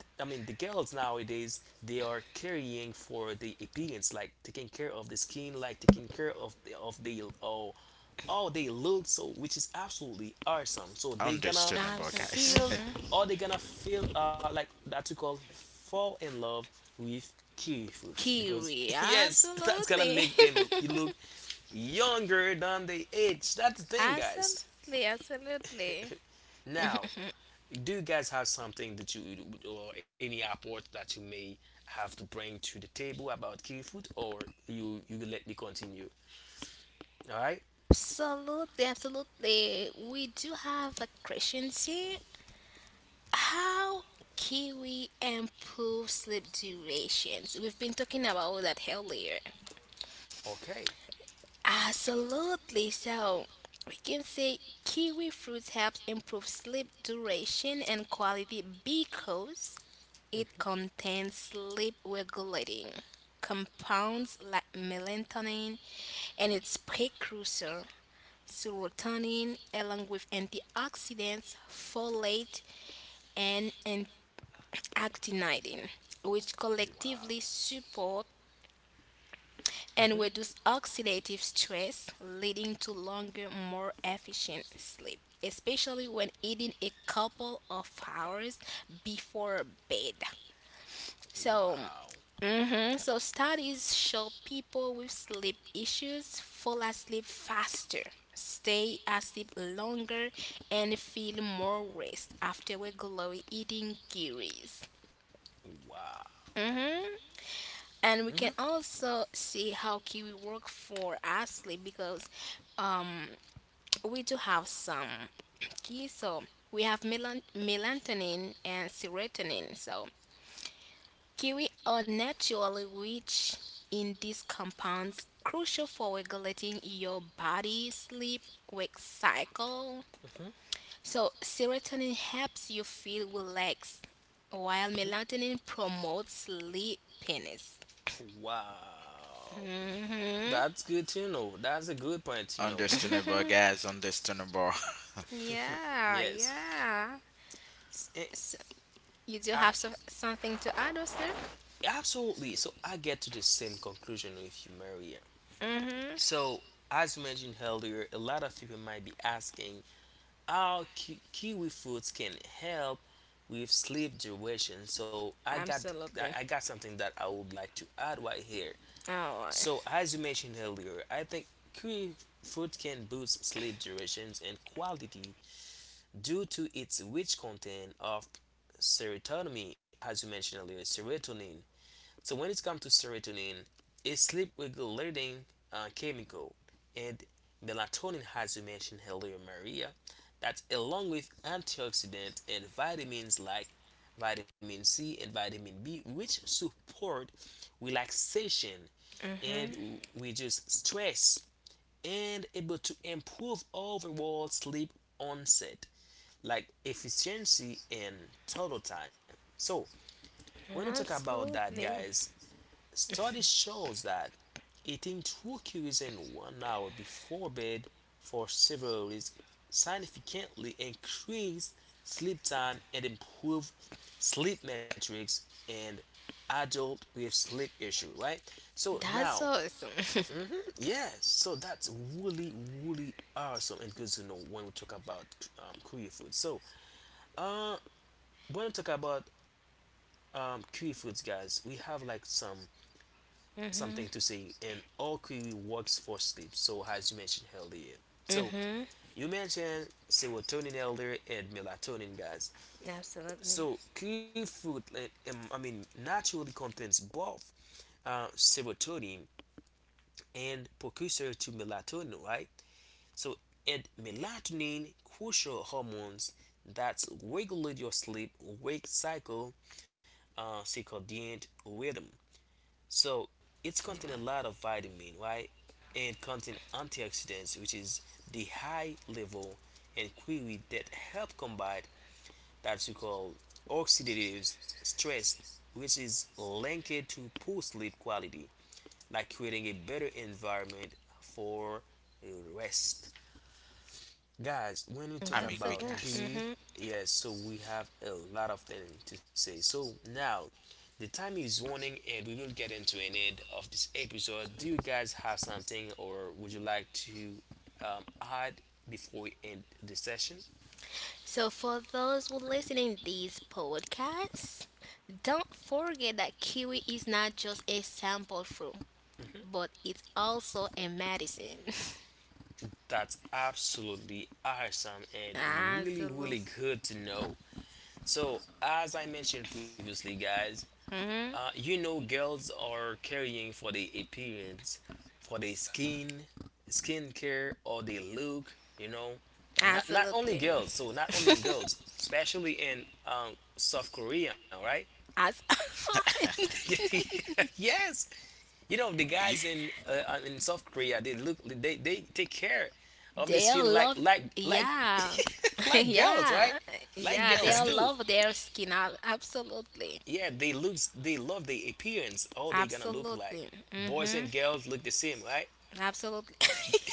Speaker 1: I mean the girls nowadays, they are carrying for the appearance, like taking care of the skin, like taking care of the oh, oh, they look so, which is absolutely awesome. So they gonna
Speaker 3: understandable,
Speaker 2: Absolutely.
Speaker 3: guys.
Speaker 1: feel
Speaker 2: Hmm.
Speaker 1: or they gonna feel like that we call fall in love with kiwi fruits because
Speaker 2: Kiwi.
Speaker 1: [laughs] yes, that's gonna
Speaker 2: Absolutely.
Speaker 1: make them you look younger than the age. That's the
Speaker 2: [laughs]
Speaker 1: thing, guys.
Speaker 2: absolutely. Absolutely.
Speaker 1: [laughs] Now, do you guys have something that you or any apport that you may have to bring to the table about kiwi food, or you let me continue? All right.
Speaker 2: Absolutely, absolutely. We do have a question here. How kiwi improve sleep durations? We've been talking about that earlier.
Speaker 1: Okay.
Speaker 2: Absolutely. So we can say kiwi fruits helps improve sleep duration and quality because it contains sleep regulating compounds like melatonin and its precursor serotonin, along with antioxidants, folate, and actinidine, which
Speaker 1: Wow.
Speaker 2: collectively support and
Speaker 1: Mhm.
Speaker 2: reduce oxidative stress, leading to longer, more efficient sleep, especially when eating a couple of hours before bed. So,
Speaker 1: Wow.
Speaker 2: mhm, so studies show people with sleep issues fall asleep faster, stay asleep longer, and feel more rest after we glowy eating kiwis.
Speaker 1: Wow.
Speaker 2: Mm-hmm. And we
Speaker 1: Mhm.
Speaker 2: can also see how kiwi work for asleep because um, we do have some [clears throat] key. So we have melatonin and serotonin. So kiwi are naturally rich in these compounds crucial for regulating your body sleep wake cycle.
Speaker 1: Mhm.
Speaker 2: So, serotonin helps you feel relaxed, while
Speaker 1: Mhm.
Speaker 2: melatonin promotes sleepiness.
Speaker 1: Wow,
Speaker 2: Hmm.
Speaker 1: that's good to know. That's a good point
Speaker 3: [laughs]
Speaker 1: to know. Hmm.
Speaker 3: understandable, guys. Understandable.
Speaker 2: Yeah,
Speaker 1: Yes,
Speaker 2: yeah. S-
Speaker 1: Eh,
Speaker 2: s- you do
Speaker 1: I
Speaker 2: have something to add, Osner?
Speaker 1: absolutely. So I get to the same conclusion with you, Maria.
Speaker 2: Mm-hmm.
Speaker 1: So as you mentioned earlier, a lot of people might be asking how kiwi fruits can help with sleep duration. So I
Speaker 2: Absolutely.
Speaker 1: I got something that I would like to add right here.
Speaker 2: Oh, right.
Speaker 1: So, as you mentioned earlier, I think kiwi fruit can boost sleep durations and quality due to its rich content of serotonin, as you mentioned earlier, serotonin. So, when it comes to serotonin, it's sleep regulating chemical, and melatonin, as you mentioned earlier, Maria, that along with antioxidants and vitamins like vitamin C and vitamin B, which support relaxation
Speaker 2: Mm-hmm.
Speaker 1: and reduce stress and able to improve overall sleep onset like efficiency and total time. So when we talk about that,
Speaker 2: Absolutely.
Speaker 1: guys, study shows that eating 2 kiwis in 1 hour before bed for several weeks significantly increase sleep time and improve sleep metrics in adult with sleep issue, right? So now
Speaker 2: That's awesome.
Speaker 1: hmm. Yes, so that's really, really awesome and good to know when we talk about Korean food. So, uh, when we talk about Korean foods, guys, we have like some
Speaker 2: [laughs]
Speaker 1: something
Speaker 2: Mhm.
Speaker 1: to say, and all Korean works for sleep. So, as you mentioned earlier, so
Speaker 2: Mm-hmm.
Speaker 1: you mentioned serotonin earlier and melatonin, guys.
Speaker 2: Absolutely.
Speaker 1: So, Korean food, like, naturally contains both serotonin and precursor to melatonin, right? So it melatonin, crucial hormones that regulate your sleep wake cycle, circadian rhythm. So it's contain a lot
Speaker 3: [laughs]
Speaker 1: of vitamin, right? And contain antioxidants, which is the high level and query that help combat that we call oxidative stress, which is linked to poor sleep quality, like creating a better environment for rest. Guys, when we talk
Speaker 3: I'm
Speaker 2: That's so
Speaker 3: agree,
Speaker 1: about
Speaker 2: good.
Speaker 3: guys.
Speaker 1: Kiwi,
Speaker 2: Mm-hmm.
Speaker 1: yes, so we have a lot of things to say. So now, the time is warning, and we will get into an end of this episode. Do you guys have something, or would you like to add before we end the session?
Speaker 2: So for those who listening these podcasts, don't forget that kiwi is not just a sample fruit,
Speaker 1: Mhm.
Speaker 2: but it's also a medicine.
Speaker 1: That's absolutely awesome
Speaker 2: [laughs]
Speaker 1: and really,
Speaker 2: Absolutely.
Speaker 1: really good to know. So, as I mentioned previously, guys,
Speaker 2: Mm-hmm.
Speaker 1: you know, girls are caring for their appearance, for their skin, skincare, or their look. You know, not only
Speaker 2: Absolutely.
Speaker 1: girls. So not
Speaker 2: [laughs]
Speaker 1: only girls, especially in South Korea, right?
Speaker 2: As-
Speaker 3: [laughs]
Speaker 1: [laughs]
Speaker 2: [laughs]
Speaker 1: Yes, you know the guys
Speaker 3: you.
Speaker 1: in South Korea, they look, they take care of the
Speaker 2: they'll
Speaker 1: skin like
Speaker 2: love, yeah.
Speaker 1: [laughs]
Speaker 2: [laughs]
Speaker 1: like girls, right?
Speaker 2: Yeah,
Speaker 1: Like
Speaker 2: yeah,
Speaker 1: girls
Speaker 2: they'll
Speaker 1: do.
Speaker 3: [laughs]
Speaker 2: love their skin out absolutely.
Speaker 1: Yeah, they love the appearance, all they gonna look like
Speaker 2: Absolutely.
Speaker 1: boys
Speaker 2: Mm-hmm.
Speaker 1: and girls look the same, right?
Speaker 2: Absolutely.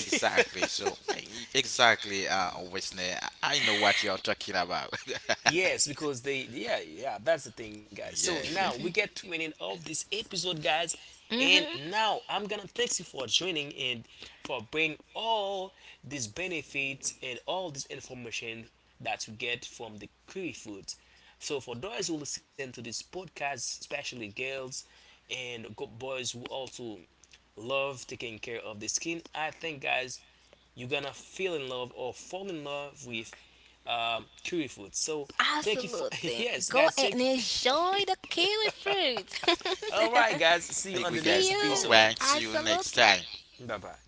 Speaker 3: Exactly. So, exactly, Wesley, I know what you're talking about. [laughs]
Speaker 1: Yes, because they, yeah, yeah, that's the thing, guys. So
Speaker 3: yeah,
Speaker 1: now we
Speaker 3: yeah.
Speaker 1: get to an end of this episode, guys,
Speaker 2: [laughs]
Speaker 1: and
Speaker 2: Hmm.
Speaker 1: now I'm gonna thank you for joining and for bringing all these benefits and all this information that you get from the curry foods. So for those who listen to this podcast, especially girls and boys who also love taking care of the skin, I think, guys, you're gonna feel in love or fall in love with curry food. So thank you for [laughs]
Speaker 2: Absolutely.
Speaker 1: yes,
Speaker 2: Go
Speaker 1: guys, take
Speaker 2: and enjoy the kiwi fruit.
Speaker 1: [laughs] all right, guys, see you on
Speaker 3: I
Speaker 1: the
Speaker 2: [laughs]
Speaker 3: agree,
Speaker 1: next
Speaker 2: See
Speaker 3: guys. All
Speaker 2: you.
Speaker 1: episode.
Speaker 3: right. See you next
Speaker 2: Absolutely.
Speaker 3: time.
Speaker 1: Bye bye.